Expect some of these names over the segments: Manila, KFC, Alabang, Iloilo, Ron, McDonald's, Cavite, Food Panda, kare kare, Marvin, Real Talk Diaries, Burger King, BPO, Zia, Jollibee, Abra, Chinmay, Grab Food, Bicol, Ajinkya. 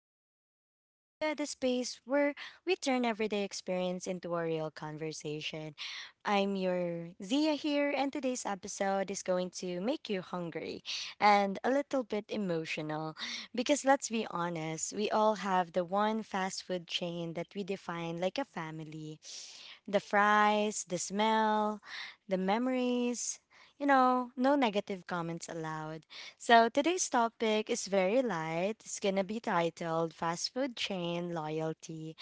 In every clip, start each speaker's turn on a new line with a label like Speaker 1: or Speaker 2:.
Speaker 1: Diaries by Zia, the space where we turn everyday experience into a real conversation. I'm your Zia here, and today's episode is going to make you hungry and a little bit emotional. Because let's be honest, we all have the one fast food chain that we define like a family. The fries, the smell, the memories. You know, no negative comments allowed. So today's topic is very light. It's gonna be titled Fast Food Chain Loyalty,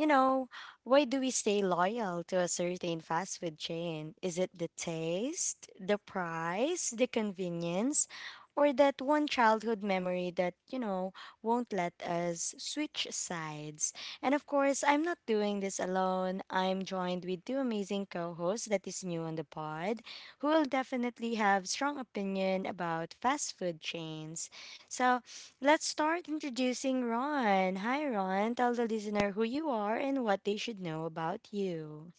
Speaker 1: you know, why do we stay loyal to a certain fast food chain? Is it the taste, the price, the convenience, or that one childhood memory that won't let us switch sides? And of course, I'm not doing this alone. I'm joined with two amazing co hosts that is new on the pod who will definitely have strong opinion about fast food chains. So, let's start introducing Ron. Hi, Ron. Tell the listener who you are and what they should know about you.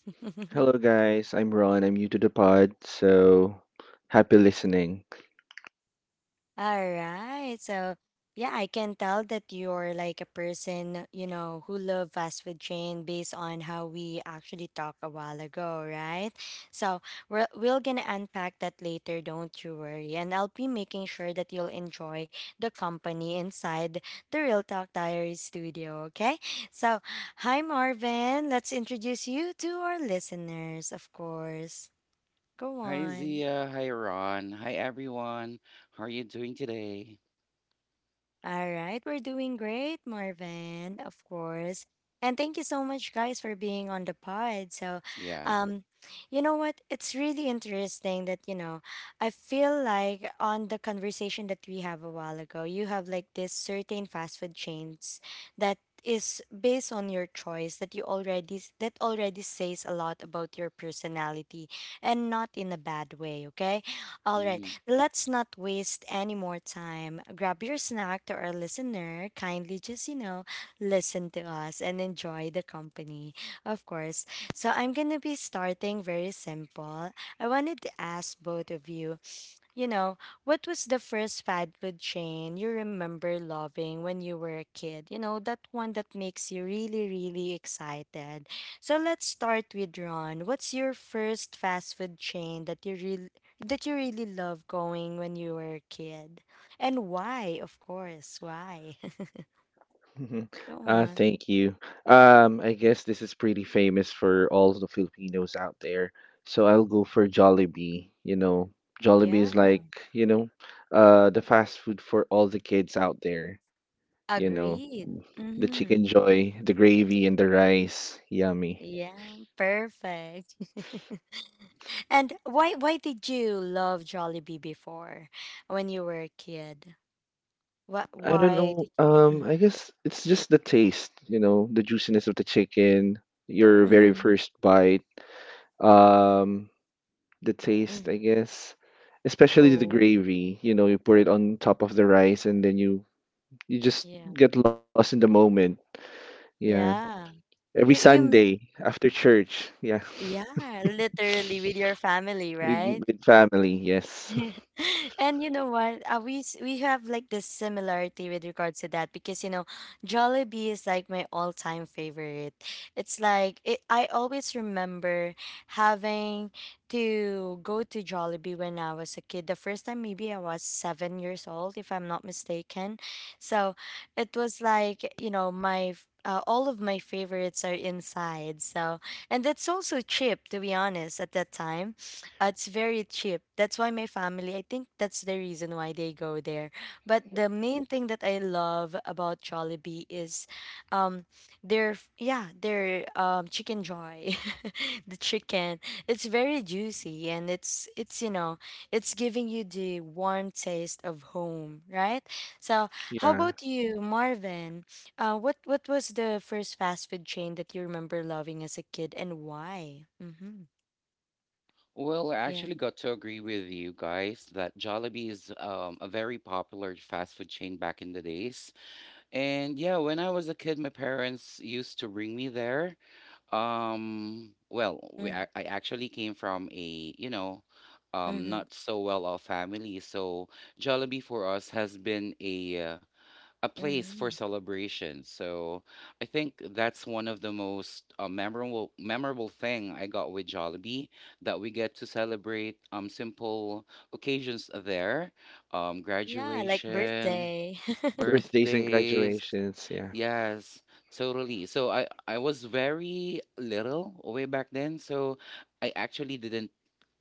Speaker 2: Hello, guys. I'm Ron. I'm new to the pod, so happy listening.
Speaker 1: All right. So, yeah, I can tell that you're like a person, who love fast food chain based on how we actually talked a while ago, right? So, we're gonna unpack that later, don't you worry. And I'll be making sure that you'll enjoy the company inside the Real Talk Diary studio, okay? So, hi Marvin, let's introduce you to our listeners, of course. Go
Speaker 3: Hi
Speaker 1: on.
Speaker 3: Zia, hi Ron, hi everyone. How are you doing today?
Speaker 1: All right, we're doing great, Marvin, of course. And thank you so much, guys, for being on the pod. So,
Speaker 3: Yeah.
Speaker 1: um, you know what? It's really interesting that I feel like on the conversation that we have a while ago, you have like this certain fast food chains that is based on your choice that already says a lot about your personality and not in a bad way, okay. All right,
Speaker 3: mhm.
Speaker 1: let's not waste any more time. Grab your snack to our listener. Kindly just, listen to us and enjoy the company, of course. So, I'm going to be starting very simple. I wanted to ask both of you, what was the first fad food chain you remember loving when you were a kid? You know, that one that makes you really, really excited. So let's start with Ron. What's your first fast food chain that you really love going when you were a kid? And why, of course, why? Go on.
Speaker 2: Thank you. I guess this is pretty famous for all the Filipinos out there, so I'll go for Jollibee. Jollibee
Speaker 1: Yeah.
Speaker 2: is like, you know, the fast food for all the kids out there. You know,
Speaker 1: Agreed.
Speaker 2: the chicken
Speaker 1: Mm-hmm.
Speaker 2: joy, the gravy, and the rice. Yummy.
Speaker 1: Yeah, perfect. And why did you love Jollibee before when you were a kid? What,
Speaker 2: I don't
Speaker 1: why
Speaker 2: know.
Speaker 1: did you?
Speaker 2: I guess it's just the taste, you know, the juiciness of the chicken, your
Speaker 1: Mm.
Speaker 2: very
Speaker 1: Hmm.
Speaker 2: first bite, um, the taste, I
Speaker 1: Mm.
Speaker 2: guess, especially the
Speaker 1: Oh,
Speaker 2: gravy. You know, you put it on top of the rice, and then you just
Speaker 1: yeah.
Speaker 2: get lost in the moment. Yeah,
Speaker 1: Yeah.
Speaker 2: every
Speaker 1: You you m-
Speaker 2: Sunday after church. Yeah,
Speaker 1: yeah, literally with your family,
Speaker 2: with
Speaker 1: right?
Speaker 2: with family. Yes.
Speaker 1: And you know what? We have like this similarity with regards to that, because Jollibee is like my all-time favorite. It's like it, I always remember having to go to Jollibee when I was a kid. The first time maybe I was 7 years old, if I'm not mistaken. So it was like all of my favorites are inside, so and that's also cheap to be honest at that time. It's very cheap. That's why my family, I think that's the reason why they go there. But the main thing that I love about Jollibee is um their chicken joy. The chicken. It's very juicy, and it's giving you the warm taste of home, right? So, how
Speaker 2: Yeah,
Speaker 1: about you, Marvin? What was the first fast food chain that you remember loving as a kid, and why? Mhm.
Speaker 3: Well, I
Speaker 1: Yeah.
Speaker 3: actually got to agree with you guys that Jollibee is a very popular fast food chain back in the days. And yeah, when I was a kid, my parents used to bring me there. Well, I actually came from a, you know,
Speaker 1: Mm-hmm.
Speaker 3: not so well-off family, so Jollibee for us has been a place for
Speaker 1: Mhm.
Speaker 3: celebration. So I think that's one of the most memorable thing I got with Jollibee, that we get to celebrate simple occasions there,
Speaker 1: Yeah, like
Speaker 3: graduation,
Speaker 1: birthday.
Speaker 2: birthdays and
Speaker 3: birthdays.
Speaker 2: graduations. Yeah,
Speaker 3: Yes, totally. So I was very little way back then, so I actually didn't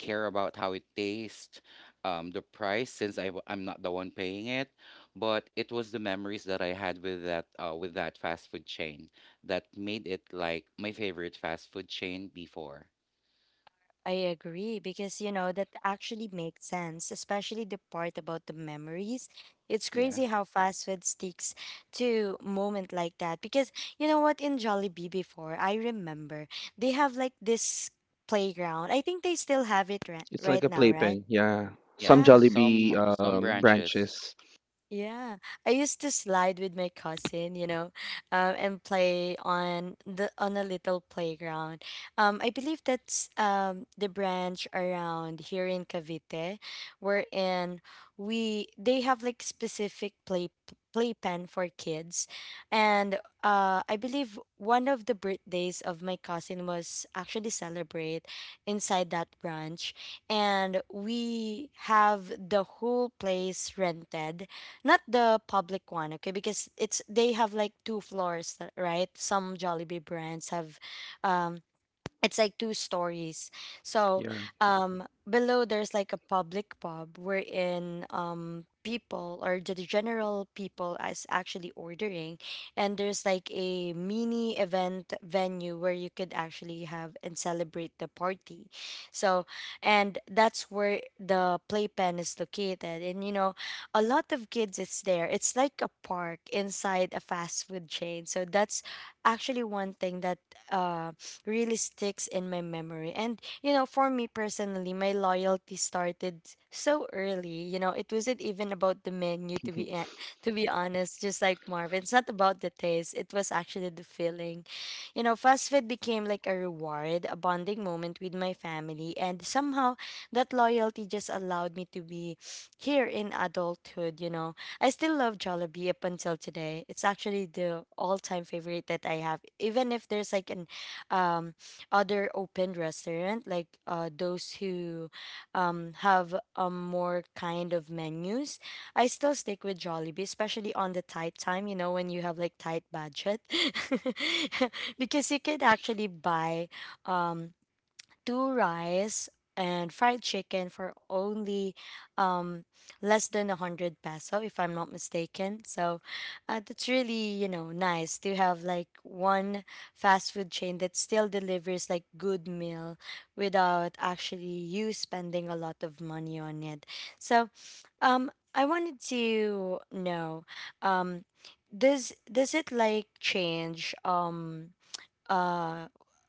Speaker 3: care about how it tastes, the price since I'm not the one paying it, but it was the memories that I had with that fast food chain that made it like my favorite fast food chain before.
Speaker 1: I agree, because that actually makes sense, especially the part about the memories. It's
Speaker 3: Yeah.
Speaker 1: crazy how fast food sticks to moment like that, because you know what, in Jollibee before I remember they have like this playground. I think they still have it ri-
Speaker 2: it's like
Speaker 1: right
Speaker 2: a
Speaker 1: now, right?
Speaker 2: playpen. Yeah, some
Speaker 3: Yeah,
Speaker 1: Yeah.
Speaker 2: Jollibee
Speaker 3: some branches.
Speaker 2: branches.
Speaker 1: Yeah, I used to slide with my cousin, and play on a little playground. I believe that's the branch around here in Cavite, wherein we they have like specific playpen for kids, and I believe one of the birthdays of my cousin was actually celebrate inside that branch, and we have the whole place rented, not the public one, okay? Because it's they have like two floors, right? Some Jollibee brands have, um, it's like two stories. So
Speaker 2: Yeah.
Speaker 1: um, below there's like a public pub wherein people or the general people is actually ordering, and there's like a mini event venue where you could actually have and celebrate the party. So, and that's where the playpen is located, and a lot of kids is there. It's like a park inside a fast food chain. So that's actually one thing that. Um, really sticks in my memory. And for me personally, my loyalty started so early. You know, it wasn't even about the menu, to
Speaker 2: Mhm.
Speaker 1: be a- to be honest, just like Marvin. It's not about the taste. It was actually the feeling. You know, fast food became like a reward, a bonding moment with my family. And somehow that loyalty just allowed me to be here in adulthood. I still love Jollibee up until today. It's actually the all-time favorite that I have. Even if there's like an um, other open restaurant, like those who have a more kind of menus, I still stick with Jollibee, especially on the tight time, when you have like tight budget. Because you could actually buy um, two rice and fried chicken for only um less than 100 peso, if I'm not mistaken. So that's really nice to have like one fast food chain that still delivers like good meal without actually you spending a lot of money on it. So I wanted to know, um does it like change, uh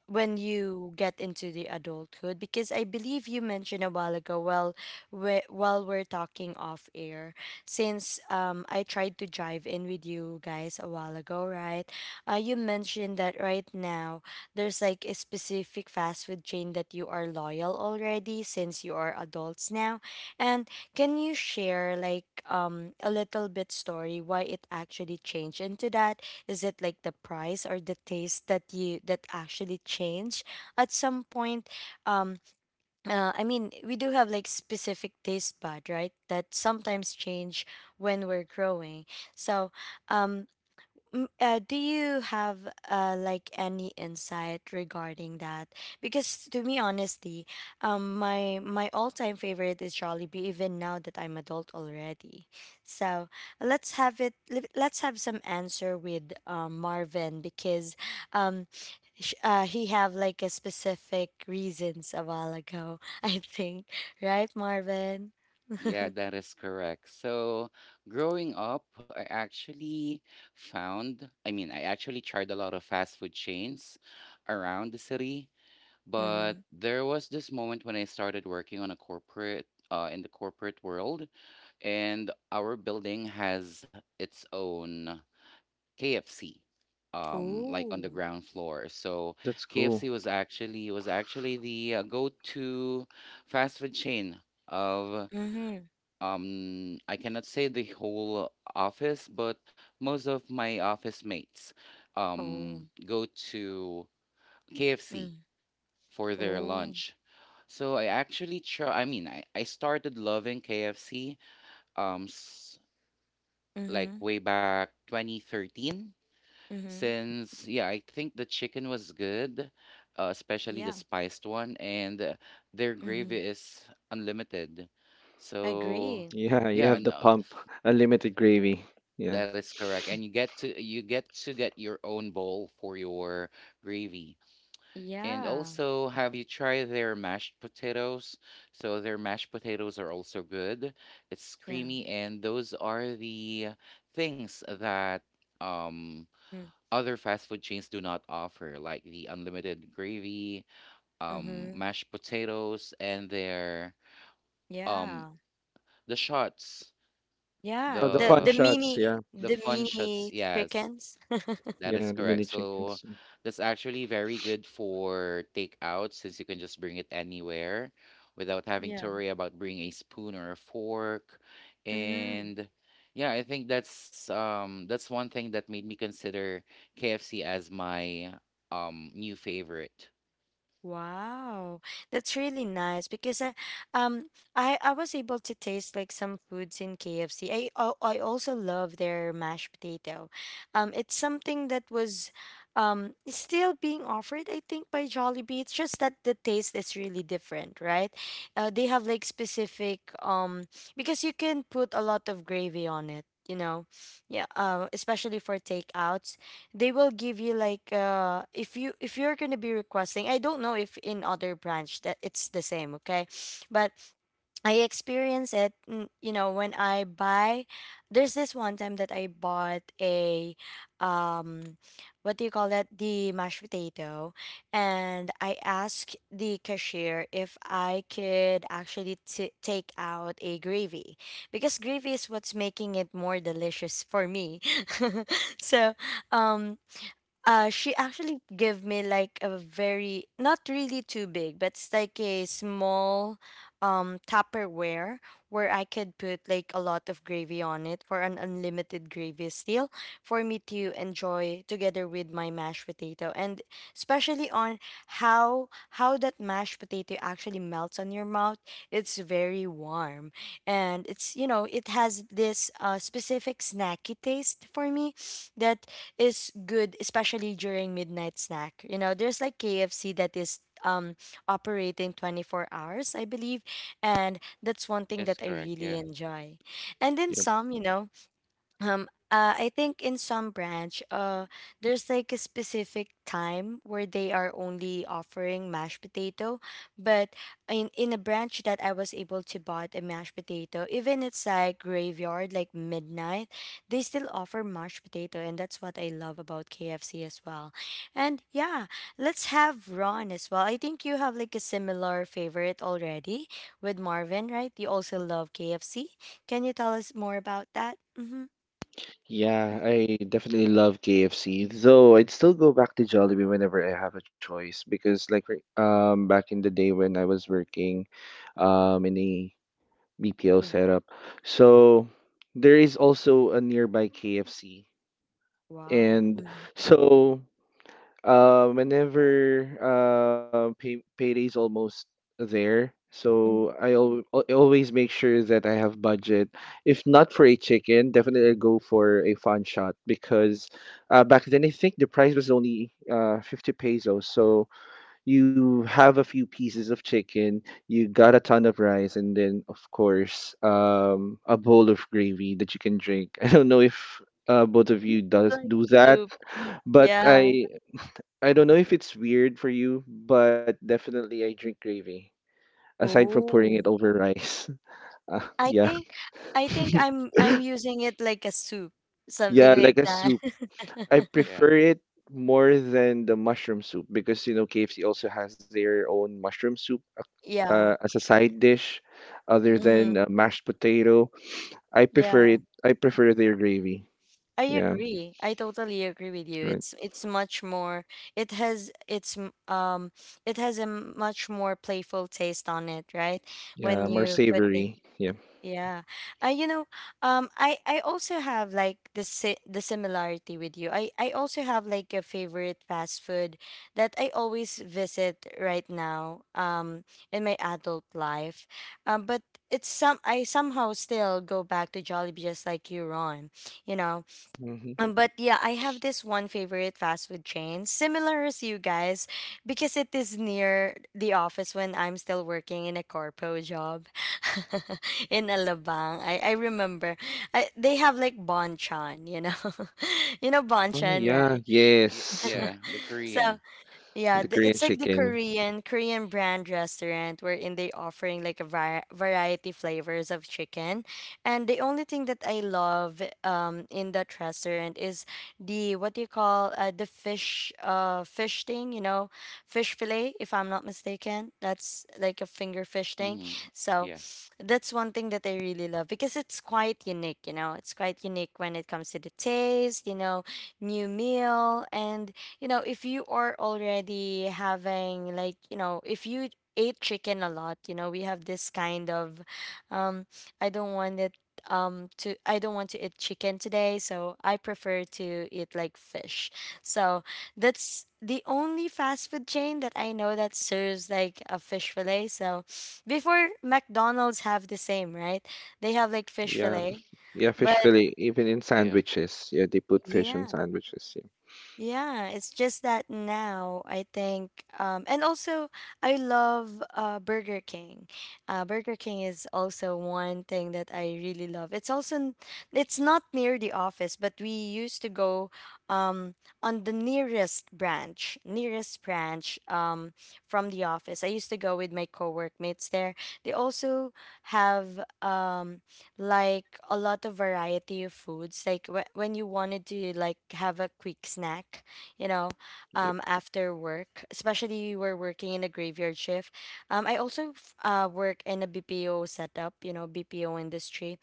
Speaker 1: when you get into the adulthood? Because I believe you mentioned a while ago, while we're talking off air, since I tried to jive in with you guys a while ago, right? You mentioned that right now there's like a specific fast food chain that you are loyal already since you are adults now, and can you share like a little bit story why it actually changed into that? Is it like the price or the taste that actually change at some point? Um, I mean, we do have like specific taste bud, right? That sometimes change when we're growing. So, um, do you have like any insight regarding that? Because to me, honestly, my all time favorite is Jollibee. Even now that I'm adult already, so let's have it. Let's have some answer with Marvin, because um, he have like a specific reasons a while ago. I think, right, Marvin.
Speaker 3: Yeah, that is correct. So, growing up, I actually I actually tried a lot of fast food chains around the city, but
Speaker 1: Mm-hmm.
Speaker 3: there was this moment when I started working on a corporate, in the corporate world, and our building has its own KFC, like on the
Speaker 1: Ooh.
Speaker 3: ground floor. So,
Speaker 2: Oh, that's
Speaker 3: KFC
Speaker 2: cool.
Speaker 3: was actually the go-to fast food chain of
Speaker 1: Mm-hmm.
Speaker 3: I cannot say the whole office, but most of my office mates
Speaker 1: Oh.
Speaker 3: go to KFC
Speaker 1: Mm.
Speaker 3: for their
Speaker 1: Oh.
Speaker 3: lunch. So I actually try I mean I started loving KFC um s- like
Speaker 1: Mm-hmm.
Speaker 3: way back 2013.
Speaker 1: Mm-hmm.
Speaker 3: Since yeah, I think the chicken was good, especially the
Speaker 1: Yeah.
Speaker 3: spiced one, and their gravy
Speaker 1: Mm-hmm.
Speaker 3: is unlimited. So
Speaker 1: Agree.
Speaker 2: Yeah, you
Speaker 3: yeah,
Speaker 2: have the
Speaker 3: no.
Speaker 2: pump, unlimited gravy. Yeah.
Speaker 3: That is correct. And you get to get your own bowl for your gravy. And
Speaker 1: Yeah.
Speaker 3: also, have you tried their mashed potatoes? So their mashed potatoes are also good. It's
Speaker 1: Yeah.
Speaker 3: creamy, and those are the things that um other fast food chains do not offer, like the unlimited gravy,
Speaker 1: Mm-hmm.
Speaker 3: mashed potatoes, and their um
Speaker 1: Yeah.
Speaker 3: the shots,
Speaker 1: Yeah.
Speaker 2: Oh, the
Speaker 1: The
Speaker 2: fun
Speaker 1: the
Speaker 3: the
Speaker 2: shots.
Speaker 1: mini
Speaker 2: Yeah.
Speaker 3: the
Speaker 1: the
Speaker 3: fun shots,
Speaker 1: mini
Speaker 3: yes.
Speaker 1: chickens.
Speaker 3: That is
Speaker 2: Yeah, the
Speaker 3: correct.
Speaker 2: mini
Speaker 3: So
Speaker 2: chickens.
Speaker 3: that's actually very good for takeout, since you can just bring it anywhere without having to
Speaker 1: Yeah.
Speaker 3: worry about bringing a spoon or a fork.
Speaker 1: Mm-hmm.
Speaker 3: And yeah, I think that's one thing that made me consider KFC as my new favorite.
Speaker 1: Wow, that's really nice because um, I was able to taste like some foods in KFC. I also love their mashed potato. It's something that is still being offered, I think, by Jollibee. It's just that the taste is really different, right? They have like specific, because you can put a lot of gravy on it. You know, yeah. Especially for takeout, they will give you like if you're gonna be requesting. I don't know if in other branch that it's the same, okay, but I experience it, when I buy. There's this one time that I bought a, um, what do you call that? The mashed potato, and I asked the cashier if I could actually take out a gravy, because gravy is what's making it more delicious for me. So um, she actually gave me like a very not really too big, but it's like a small Tupperware, where I could put like a lot of gravy on it for an unlimited gravy, still for me to enjoy together with my mashed potato, and especially on how that mashed potato actually melts on your mouth. It's very warm, and it's you know it has this specific snacky taste for me that is good, especially during midnight snack. You know, there's like KFC that is operating 24 hours, I believe, and that's one thing
Speaker 3: That's
Speaker 1: that I
Speaker 3: correct.
Speaker 1: really
Speaker 3: Yeah.
Speaker 1: enjoy. And then some, I think in some branch there's like a specific time where they are only offering mashed potato, but in a branch that I was able to buy a mashed potato, even it's like graveyard, like midnight, they still offer mashed potato, and that's what I love about KFC as well. And yeah, let's have Ron as well. I think you have like a similar favorite already with Marvin, right? You also love KFC. Can you tell us more about that? Mhm.
Speaker 2: Yeah, I definitely love KFC. Though I'd still go back to Jollibee whenever I have a choice because back in the day when I was working in a BPO
Speaker 1: Mm.
Speaker 2: setup. So there is also a nearby KFC.
Speaker 1: Wow.
Speaker 2: And
Speaker 1: Mhm.
Speaker 2: so whenever payday's almost there,
Speaker 1: Mhm.
Speaker 2: so I always make sure that I have budget. If not for a chicken, definitely I go for a fun shot because back then I think the price was only 50 pesos. So you have a few pieces of chicken, you got a ton of rice, and then of course a bowl of gravy that you can drink. I don't know if both of
Speaker 1: Mhm.
Speaker 2: you does
Speaker 1: Like
Speaker 2: do that.
Speaker 1: soup.
Speaker 2: But
Speaker 1: Yeah.
Speaker 2: I don't know if it's weird for you, but definitely I drink gravy. Aside from pouring it
Speaker 1: Oh.
Speaker 2: over rice. Uh,
Speaker 1: I
Speaker 2: yeah.
Speaker 1: think I'm using it like a soup, something
Speaker 2: Yeah,
Speaker 1: like
Speaker 2: like a
Speaker 1: that.
Speaker 2: soup. I
Speaker 3: Correct. Yeah.
Speaker 2: prefer it more than the mushroom soup because you know KFC also has their own mushroom soup
Speaker 1: Yeah.
Speaker 2: as a side dish other
Speaker 3: Mm-hmm.
Speaker 2: than
Speaker 1: Mhm.
Speaker 2: mashed potato. I
Speaker 1: Yeah.
Speaker 2: prefer it. I prefer their gravy.
Speaker 1: I
Speaker 2: Yeah,
Speaker 1: agree. I totally agree with you. It's
Speaker 2: right.
Speaker 1: it's much more, it has it has a much more playful taste on it, right?
Speaker 2: Yeah,
Speaker 1: When
Speaker 2: more
Speaker 1: you put it,
Speaker 2: savory. Yeah.
Speaker 1: yeah. You know, I also have like the similarity with you. I also have like a favorite fast food that I always visit right now, in my adult life. But it's some I somehow still go back to Jollibee, just like you, Ron. You know,
Speaker 2: hmm
Speaker 1: but yeah, I have this one favorite fast food chain, similar as you guys, because it is near the office when I'm still working in a corpo job in Alabang. I remember I, they have like banchan, you know, you know
Speaker 2: Oh
Speaker 1: banchan,
Speaker 2: yeah,
Speaker 1: right?
Speaker 2: yes,
Speaker 3: Yeah, the
Speaker 1: So
Speaker 3: Korean.
Speaker 1: yeah,
Speaker 2: the
Speaker 1: the,
Speaker 2: Korean
Speaker 1: it's like the
Speaker 2: chicken.
Speaker 1: Korean brand restaurant wherein they offering like a variety flavors of chicken, and the only thing that I love in that restaurant is the, what do you call, the fish, fish thing, you know, fish fillet, if I'm not mistaken, that's like a finger fish thing.
Speaker 3: Mm-hmm.
Speaker 1: So
Speaker 3: Yeah.
Speaker 1: that's one thing that I really love because it's quite unique, you know, it's quite unique when it comes to the taste, you know, new meal. And you know, if you are already having like, you know, if you ate chicken a lot, you know, we have this kind of um I don't want it to, I don't want to eat chicken today, so I prefer to eat like fish. So that's the only fast food chain that I know that serves like a fish fillet. So before, McDonald's have the same, right? They have like fish
Speaker 2: Yeah,
Speaker 1: fillet.
Speaker 2: yeah, fish
Speaker 1: But
Speaker 2: fillet, even in
Speaker 3: Yeah.
Speaker 2: sandwiches. Yeah, they put fish in
Speaker 1: yeah.
Speaker 2: sandwiches. Yeah.
Speaker 1: Yeah, it's just that now I think, and also I love Burger King. Burger King is also one thing that I really love. It's also it's not near the office, but we used to go um, on the nearest branch, from the office. I used to go with my co-workmates there. They also have like a lot of variety of foods, like when you wanted to like have a quick snack, you know,
Speaker 2: Yep.
Speaker 1: after work, especially you were working in a graveyard shift, I also work in a BPO setup, you know, BPO industry,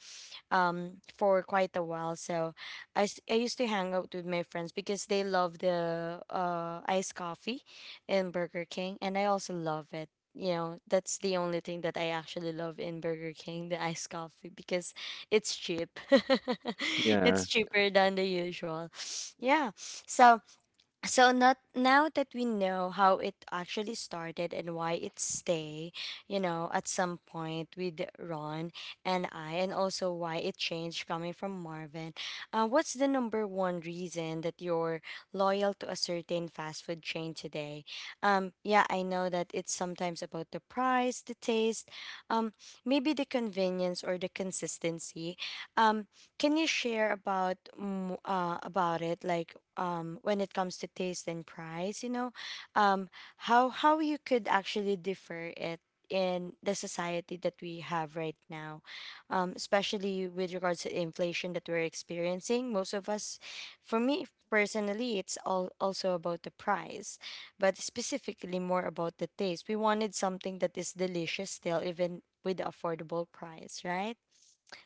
Speaker 1: for quite a while. So I, I used to hang out with my friends because they love the iced coffee in Burger King, and I also love it. You know, that's the only thing that I actually love in Burger King, the iced coffee, because it's cheap.
Speaker 2: Yeah,
Speaker 1: It's cheaper than the usual. Yeah. So so not now that we know how it actually started and why it stay, you know, at some point with Ron and I, and also why it changed coming from Marvin. What's the number one reason that you're loyal to a certain fast food chain today? Yeah, I know that it's sometimes about the price, the taste, um, maybe the convenience or the consistency. Um, can you share about about it? Like when it comes to taste and price, you know, um how you could actually differ it in the society that we have right now, especially with regards to inflation that we're experiencing most of us. For me personally, it's all also about the price, but specifically more about the taste. We wanted something that is delicious still, even with the affordable price, right?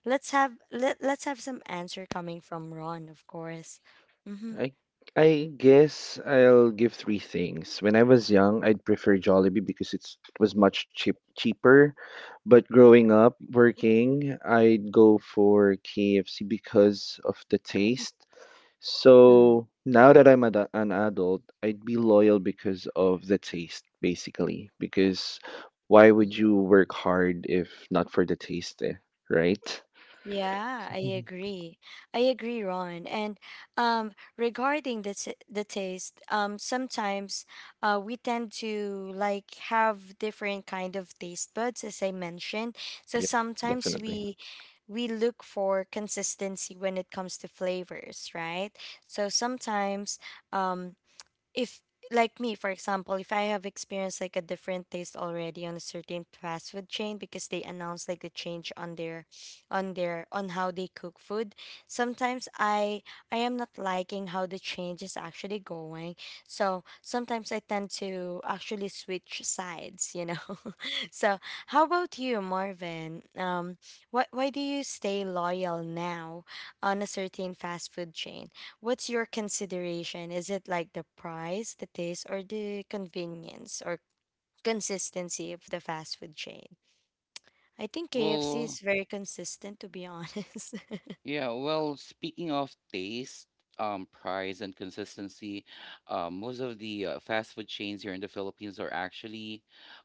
Speaker 1: Let's have some answer coming from Ron, of course. Mm-hmm.
Speaker 2: I I guess I'll give three things. When I was young, I'd prefer Jollibee because it was much cheaper. But growing up working, I'd go for KFC because of the taste. So now that I'm ad an adult, I'd be loyal because of the taste, basically. Because why would you work hard if not for the taste, eh? Right?
Speaker 1: Yeah, I
Speaker 2: Mhm.
Speaker 1: agree. I agree, Ron. And um, regarding the t the taste, sometimes we tend to like have different kind of taste buds, as I mentioned. So
Speaker 2: Yep,
Speaker 1: sometimes
Speaker 2: definitely.
Speaker 1: we look for consistency when it comes to flavors, right? So sometimes um, if like me, for example, if I have experienced like a different taste already on a certain fast food chain because they announce like the change on their, on how they cook food, sometimes I am not liking how the change is actually going, so sometimes I tend to actually switch sides, you know. So how about you, Marvin? Why do you stay loyal now on a certain fast food chain? What's your consideration? Is it like the price, the taste, or the convenience or consistency of the fast food chain? I think KFC is
Speaker 3: Well,
Speaker 1: very consistent, to be honest.
Speaker 3: Yeah, well, speaking of taste, price, and consistency, most of the fast food chains here in the Philippines are actually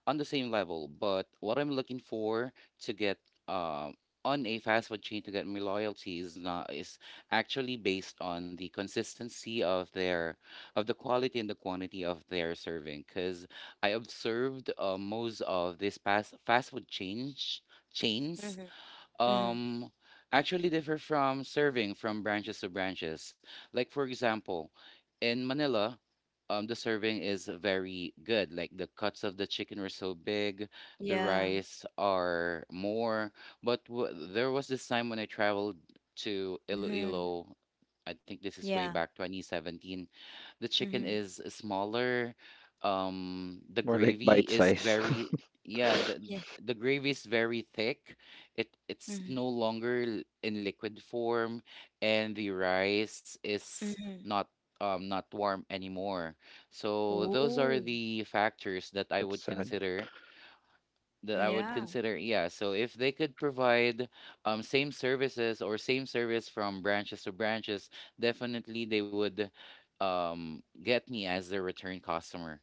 Speaker 3: on the same level. But what I'm looking for to get um, on a fast food chain to get my loyalty is not is actually based on the consistency of their of the quality and the quantity of their serving. Because I observed most of these past fast food change chains
Speaker 1: Mm-hmm. Mm-hmm.
Speaker 3: um, actually differ from serving from branches to branches. Like, for example, in Manila, the serving is very good. Like, the cuts of the chicken were so big, the
Speaker 1: Yeah.
Speaker 3: rice are more. But there was this time when I traveled to
Speaker 1: Mm-hmm.
Speaker 3: Iloilo. I think this is way
Speaker 1: Yeah.
Speaker 3: back 2017. The chicken
Speaker 1: Mm-hmm.
Speaker 3: is smaller, the
Speaker 2: More like
Speaker 3: gravy
Speaker 2: bite
Speaker 3: is
Speaker 2: size.
Speaker 3: very, yeah the
Speaker 1: Yeah.
Speaker 3: the gravy is very thick, it's no
Speaker 1: Mm-hmm.
Speaker 3: longer in liquid form, and the rice is
Speaker 1: Mm-hmm.
Speaker 3: not not warm anymore. So those are
Speaker 1: Ooh.
Speaker 3: the factors that i
Speaker 2: That's
Speaker 3: would
Speaker 2: sad.
Speaker 3: consider that i would
Speaker 1: Yeah.
Speaker 3: consider Yeah, so if they could provide same services or same service from branches to branches, definitely they would get me as their return customer.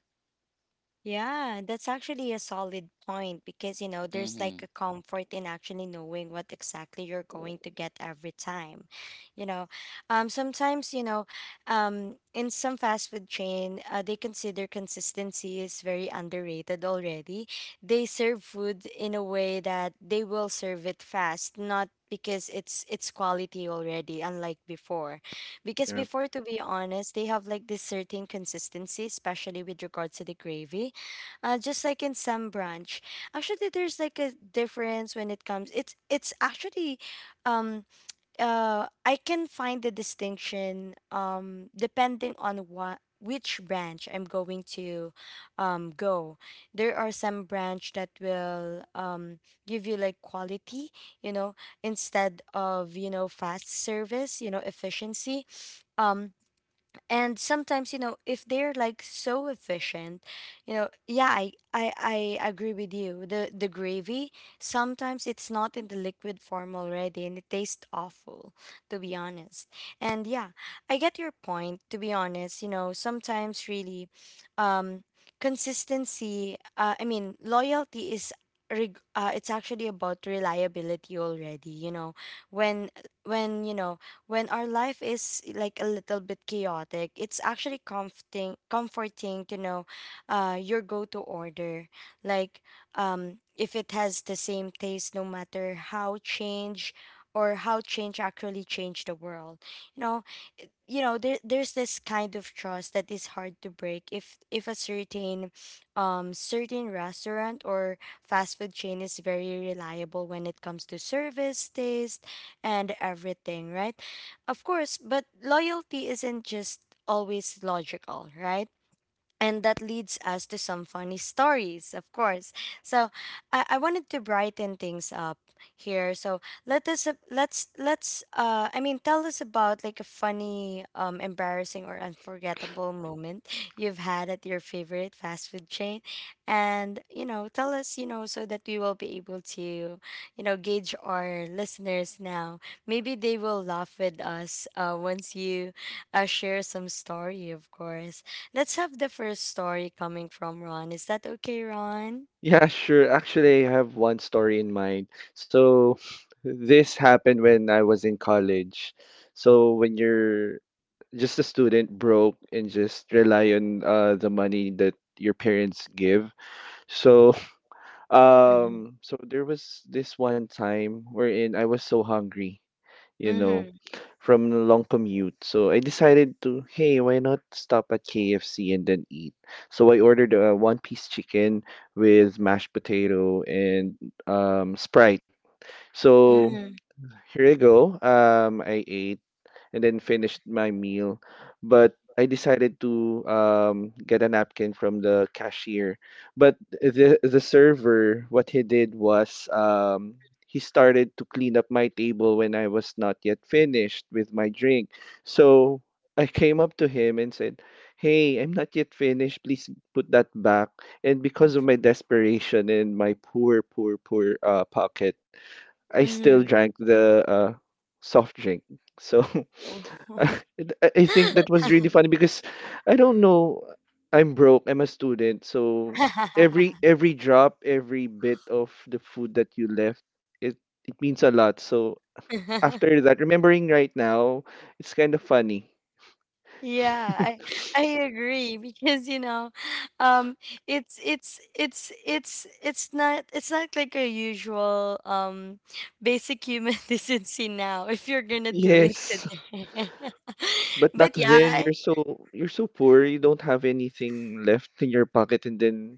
Speaker 1: Yeah, that's actually a solid point because, you know, there's
Speaker 3: Mm-hmm.
Speaker 1: like a comfort in actually knowing what exactly you're going to get every time. You know, sometimes, you know, in some fast food chain, they consider consistency is very underrated already. They serve food in a way that they will serve it fast, not because it's quality already, unlike before, because
Speaker 2: Yeah.
Speaker 1: before, to be honest, they have like this certain consistency, especially with regards to the gravy, just like in some branch. Actually, there's like a difference when it comes. It's actually, um, I can find the distinction depending on what which branch I'm going to, go. There are some branch that will give you like quality, you know, instead of you know fast service, you know, efficiency. Um, and sometimes you know if they're like so efficient, you know. Yeah, I agree with you. The gravy sometimes it's not in the liquid form already, and it tastes awful, to be honest. And yeah, I get your point, to be honest. You know, sometimes really, um consistency, I mean loyalty is it's actually about reliability already. You know, when you know when our life is like a little bit chaotic, it's actually comforting to know your go-to order. Like if it has the same taste, no matter how change or how change actually changed the world. You know, you know there's this kind of trust that is hard to break if a certain certain restaurant or fast food chain is very reliable when it comes to service, taste, and everything, right? Of course. But loyalty isn't just always logical, right? And that leads us to some funny stories, of course. So I wanted to brighten things up here. So let us let's tell us about like a funny, embarrassing or unforgettable moment you've had at your favorite fast food chain, and you know tell us, you know, so that we will be able to, you know, gauge our listeners now. Maybe they will laugh with us, once you share some story, of course. Let's have the first story coming from Ron. Is that okay, Ron?
Speaker 2: Yeah, sure. Actually, I have one story in mind. So, this happened when I was in college. So, when you're just a student, broke, and just rely on the money that your parents give. So,
Speaker 1: Mm-hmm.
Speaker 2: there was this one time wherein I was so hungry, you know,
Speaker 1: Mm-hmm.
Speaker 2: from a long commute. So I decided to, hey, why not stop at KFC and then eat? So I ordered a one piece chicken with mashed potato and Sprite. So
Speaker 1: Mm-hmm.
Speaker 2: here I go. I ate and then finished my meal. But I decided to get a napkin from the cashier. But the server, what he did was, he started to clean up my table when I was not yet finished with my drink. So I came up to him and said, "Hey, I'm not yet finished. Please put that back." And because of my desperation and my poor, poor, poor pocket, I still
Speaker 1: Mm-hmm.
Speaker 2: drank the soft drink. So I think that was really funny because I don't know. I'm broke. I'm a student, so every drop, every bit of the food that you left, it it means a lot. So after that, remembering right now, it's kind of funny.
Speaker 1: Yeah, I agree because you know, um, it's not like a usual basic human decency now if you're gonna do it
Speaker 2: Yes,
Speaker 1: today.
Speaker 2: but back
Speaker 1: But
Speaker 2: then
Speaker 1: yeah,
Speaker 2: you're so poor, you don't have anything left in your pocket, and then...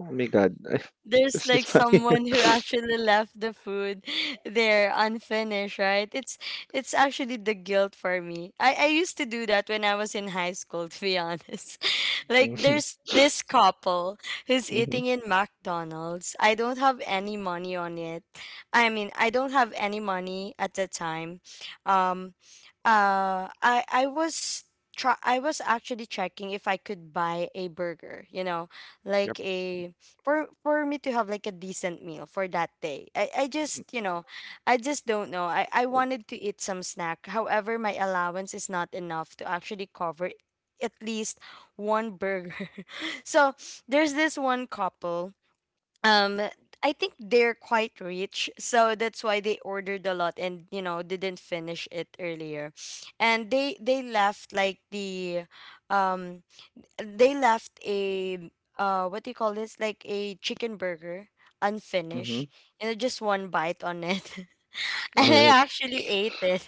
Speaker 2: Oh my God.
Speaker 1: there's
Speaker 2: It's
Speaker 1: like
Speaker 2: just funny.
Speaker 1: someone who actually left the food there unfinished, right? It's actually the guilt for me. I used to do that when I was in high school, to be honest. Like
Speaker 2: Mhm.
Speaker 1: there's this couple who's
Speaker 2: Mhm.
Speaker 1: eating in McDonald's. I don't have any money on it, I mean I don't have any money at the time. um I was try I was actually checking if I could buy a burger, you know,
Speaker 2: Yep.
Speaker 1: like a, for me to have like a decent meal for that day. I just, you know, I just don't know. I wanted to eat some snack. However, my allowance is not enough to actually cover at least one burger. So there's this one couple. Um I think they're quite rich, so that's why they ordered a lot and you know didn't finish it earlier. And they left like the um they left a what do you call this, like a chicken burger,
Speaker 2: Mhm.
Speaker 1: unfinished, and I just one bite on it.
Speaker 2: All
Speaker 1: And I
Speaker 2: right.
Speaker 1: actually ate it.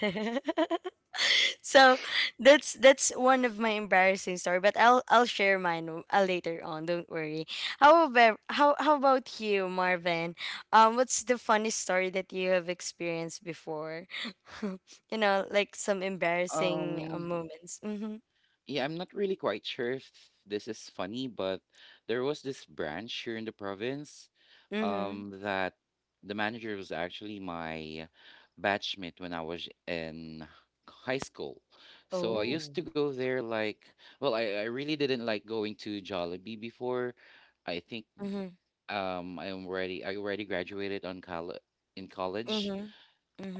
Speaker 1: So that's one of my embarrassing story, but I'll share mine later on, don't worry. How about how about you, Marvin? What's the funny story that you have experienced before? You know, like some embarrassing
Speaker 3: Um,
Speaker 1: moments. Mm-hmm.
Speaker 3: yeah, I'm not really quite sure if this is funny, but there was this branch here in the province,
Speaker 1: Mm-hmm.
Speaker 3: that the manager was actually my batchmate when I was in high school. So I
Speaker 2: hmm
Speaker 1: Oh.
Speaker 3: used to go there like, well, I really didn't like going to Jollibee before. I think I already graduated on college in college
Speaker 1: Mhm,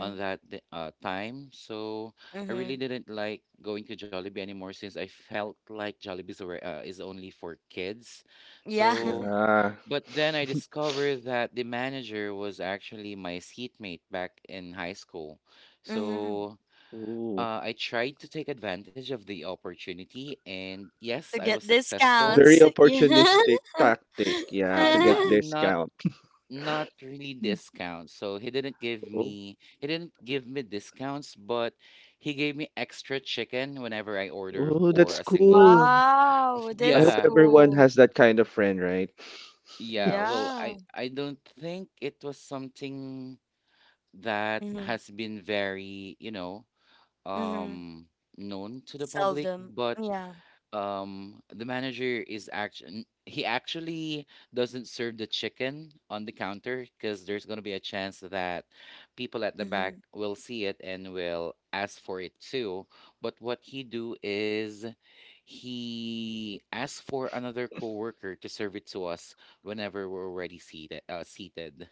Speaker 3: on that time. So I really
Speaker 1: mhm.
Speaker 3: didn't like going to Jollibee anymore, since I felt like Jollibee's alre- is only for kids.
Speaker 1: Yeah.
Speaker 3: So,
Speaker 2: Yeah.
Speaker 3: but then I discovered that the manager was actually my seatmate back in high school.
Speaker 1: Mhm.
Speaker 3: So
Speaker 2: Ooh.
Speaker 3: I tried to take advantage of the opportunity, and yes,
Speaker 1: To
Speaker 3: I was
Speaker 1: get
Speaker 3: successful.
Speaker 2: Very
Speaker 1: discounts.
Speaker 2: opportunistic tactic, yeah,
Speaker 3: Uh,
Speaker 2: to
Speaker 1: Yeah.
Speaker 2: get
Speaker 3: not not
Speaker 2: discount.
Speaker 3: not really discounts. So he didn't give
Speaker 2: Oh,
Speaker 3: me he didn't give me discounts, but he gave me extra chicken whenever I order
Speaker 2: oh,
Speaker 3: for a
Speaker 2: that's
Speaker 3: single.
Speaker 2: cool.
Speaker 1: Wow,
Speaker 2: I
Speaker 1: that's
Speaker 2: hope
Speaker 3: Yeah.
Speaker 2: everyone
Speaker 1: cool.
Speaker 2: has that kind of friend, right?
Speaker 3: Yeah, well,
Speaker 1: Yeah.
Speaker 3: I don't think it was something that
Speaker 1: Mhm,
Speaker 3: has been very, you know,
Speaker 1: mhm.
Speaker 3: um known to the public,
Speaker 1: Seldom.
Speaker 3: but
Speaker 1: Yeah.
Speaker 3: the manager is actually he actually doesn't serve the chicken on the counter, because there's going to be a chance that people at the back
Speaker 1: Mhm.
Speaker 3: will see it and will ask for it too. But what he do is he asks for another coworker to serve it to us whenever we're already seated.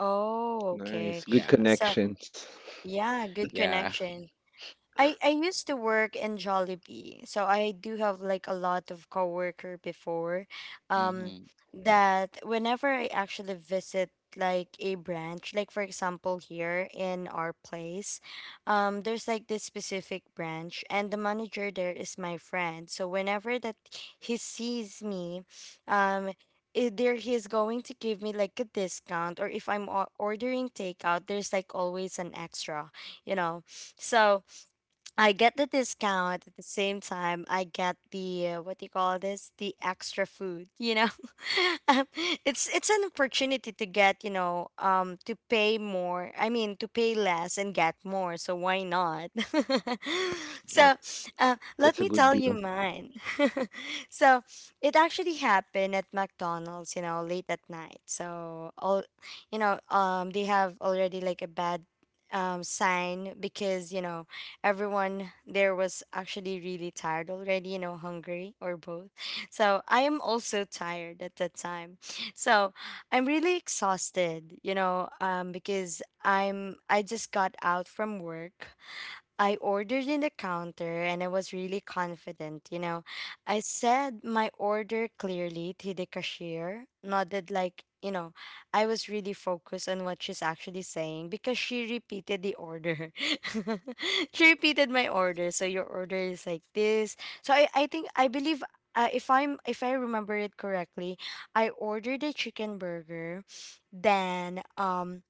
Speaker 1: Oh, okay.
Speaker 2: Nice. Good
Speaker 3: Yeah.
Speaker 1: So,
Speaker 2: connections.
Speaker 1: yeah, good
Speaker 3: Yeah.
Speaker 1: connection. I used to work in Jollibee, so I do have like a lot of coworker before, um, that whenever I actually visit like a branch, like for example here in our place, there's like this specific branch, and the manager there is my friend. So whenever that he sees me, um. Either he's going to give me like a discount, or if I'm ordering takeout, there's like always an extra, you know. So, I get the discount at the same time. I get the what do you call this? The extra food. You know. Um, it's an opportunity to get, you know, to pay more. I mean, to pay less and get more. So why not?
Speaker 2: Yep.
Speaker 1: so Let
Speaker 2: That's a
Speaker 1: me
Speaker 2: good
Speaker 1: tell you
Speaker 2: deal.
Speaker 1: mine. So it actually happened at McDonald's. You know, late at night. So all, you know, they have already like a bad sign, because you know, everyone there was actually really tired already, you know, hungry or both. So I am also tired at that time. So I'm really exhausted, you know, because I just got out from work. I ordered in the counter and I was really confident, you know. I said my order clearly to the cashier, nodded like, you know, I was really focused on what she's actually saying because she repeated the order. She repeated my order. So your order is like this. So I think I believe, if I'm, if I remember it correctly, I ordered a chicken burger, then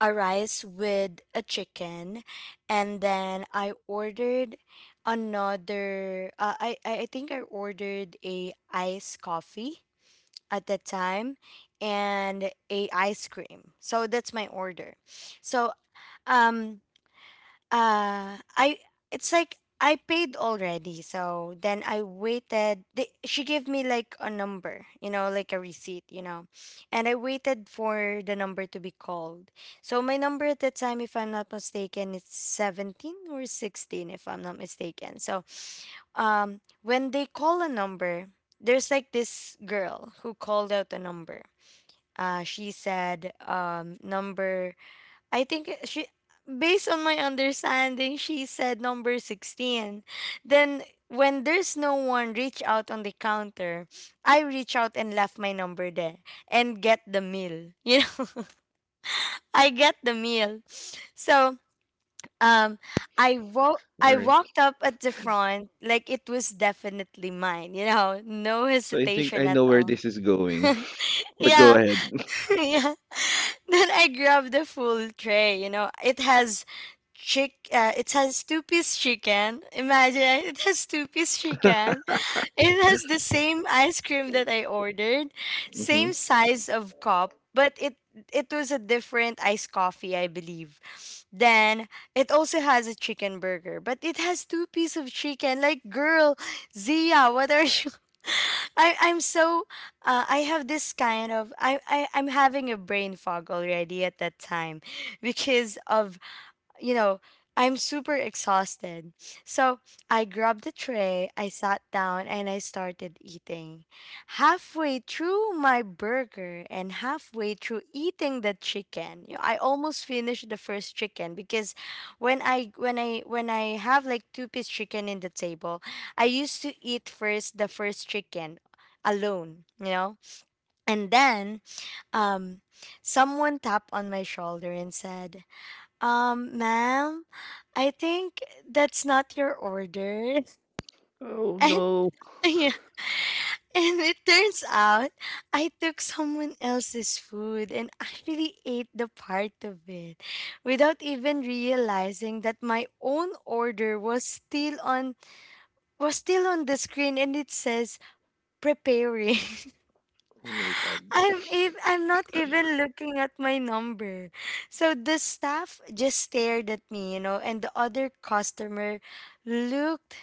Speaker 1: a rice with a chicken, and then I ordered another I think I ordered a iced coffee at that time, and a ice cream. So that's my order. So um I, it's like I paid already, so then I waited. They, she gave me like a number, you know, like a receipt, you know, and I waited for the number to be called. So my number at that time, if I'm not mistaken, it's 17 or 16, if I'm not mistaken. So, when they call a number, there's like this girl who called out a number. She said, number, I think she, based on my understanding, she said number 16. Then when there's no one reach out on the counter, I reach out and left my number there and get the meal. You know, I get the meal. So, um,
Speaker 2: All
Speaker 1: I
Speaker 2: right.
Speaker 1: walked up at the front like it was definitely mine, you know, no
Speaker 2: So I think
Speaker 1: hesitation
Speaker 2: I
Speaker 1: at
Speaker 2: know where
Speaker 1: all.
Speaker 2: this is going. But go
Speaker 1: Yeah,
Speaker 2: ahead.
Speaker 1: yeah. Then I grabbed the full tray. You know, it has chick. It has two-piece chicken. Imagine, it has two-piece chicken, it has the same ice cream that I ordered,
Speaker 2: Hmm
Speaker 1: same size of cup, but it was a different iced coffee, I believe. Then it also has a chicken burger, but it has two pieces of chicken. Like, girl, Zia, what are you? I I'm so I have this kind of I'm having a brain fog already at that time because of, you know, I'm super exhausted. So I grabbed the tray, I sat down, and I started eating. Halfway through my burger and halfway through eating the chicken, you know, I almost finished the first chicken because when I have like two-piece chicken in the table, I used to eat first the first chicken alone, you know? And then um someone tapped on my shoulder and said, ma'am, I think that's not your order.
Speaker 2: Oh
Speaker 1: And
Speaker 2: no.
Speaker 1: yeah, and it turns out I took someone else's food and actually ate the part of it without even realizing that my own order was still on the screen and it says preparing.
Speaker 2: Oh my god.
Speaker 1: I'm not even looking at my number. So the staff just stared at me, you know, and the other customer looked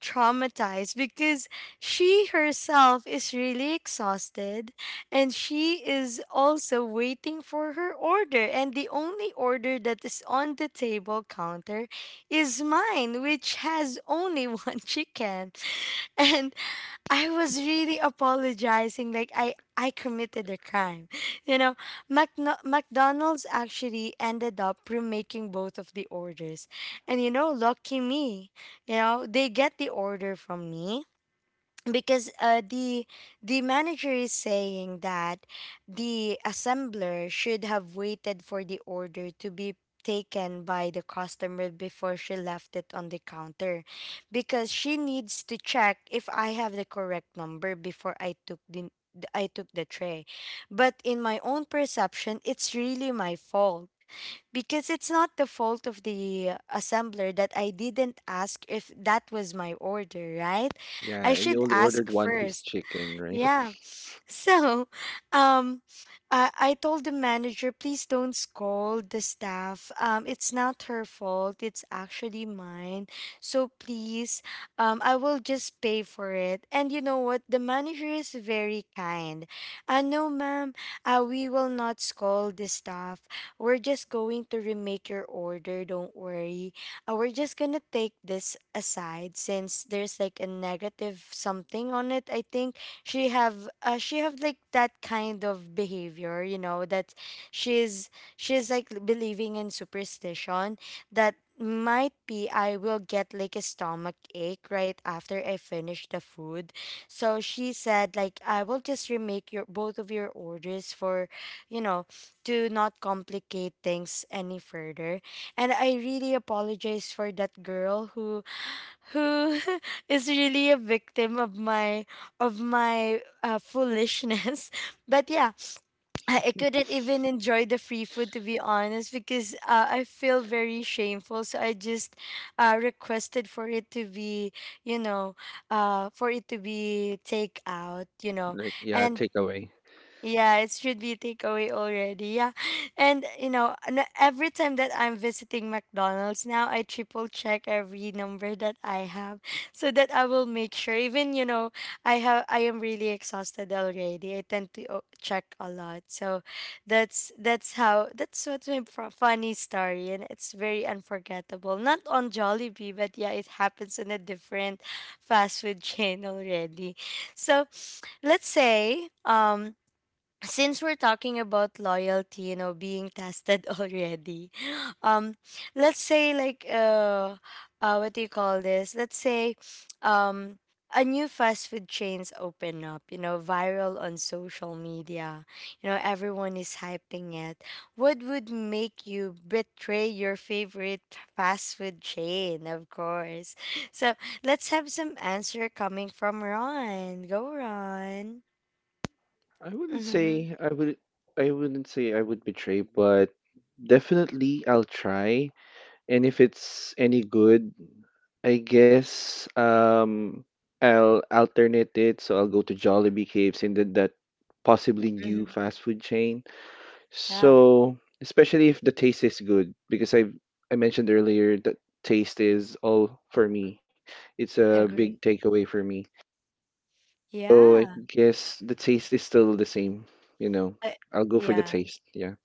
Speaker 1: traumatized because she herself is really exhausted and she is also waiting for her order, and the only order that is on the table counter is mine, which has only one chicken. And I was really apologizing like I committed a crime. You know, McDonald's actually ended up remaking both of the orders. And you know, lucky me, you know, they get the order from me because, the manager is saying that the assembler should have waited for the order to be taken by the customer before she left it on the counter, because she needs to check if I have the correct number before I took the tray. But in my own perception, it's really my fault, because it's not the fault of the assembler that I didn't ask if that was my order, right?
Speaker 2: Yeah,
Speaker 1: I
Speaker 2: and
Speaker 1: should
Speaker 2: you only
Speaker 1: ask
Speaker 2: ordered one piece
Speaker 1: first.
Speaker 2: chicken, right?
Speaker 1: Yeah. So, um, I told the manager, please don't scold the staff. It's not her fault. It's actually mine. So please, I will just pay for it. And you know what? The manager is very kind. No, ma'am, we will not scold the staff. We're just going to remake your order. Don't worry. We're just going to take this aside since there's like a negative something on it, I think she have like that kind of behavior, you know, that she's she's like believing in superstition, that might be I will get like a stomach ache right after I finish the food. So she said like I will just remake your both of your orders for, you know, to not complicate things any further. And I really apologize for that girl who who is really a victim of my foolishness. But yeah, I couldn't even enjoy the free food, to be honest, because I feel very shameful. So I just requested for it to be, you know, for it to be take out, you know.
Speaker 2: Like yeah,
Speaker 1: And
Speaker 2: takeaway.
Speaker 1: yeah, it should be takeaway already. Yeah. And you know, every time that I'm visiting McDonald's now, I triple check every number that I have so that I will make sure. Even you know, I am really exhausted already, I tend to check a lot. So that's how that's what's my funny story, and it's very unforgettable. Not on Jollibee, but yeah, it happens in a different fast food chain already. So, let's say, um, since we're talking about loyalty, you know, being tested already, um, let's say like what do you call this, let's say um a new fast food chains open up, you know, viral on social media, you know everyone is hyping it, what would make you betray your favorite fast food chain, of course. So let's have some answer coming from Ron. Go, Ron.
Speaker 2: I wouldn't
Speaker 1: Mm-hmm.
Speaker 2: say I would I wouldn't say I would betray, but definitely I'll try. And if it's any good, I guess I'll alternate it, so I'll go to Jollibee Caves and then that possibly new fast food chain. So,
Speaker 1: Mm-hmm.
Speaker 2: especially if the taste is good, because I mentioned earlier that taste is all for me. It's a big
Speaker 1: Agree.
Speaker 2: takeaway for me. So I
Speaker 1: Yeah.
Speaker 2: guess the taste is still the same, you know.
Speaker 1: I,
Speaker 2: I'll go for the
Speaker 1: yeah.
Speaker 2: taste. Yeah.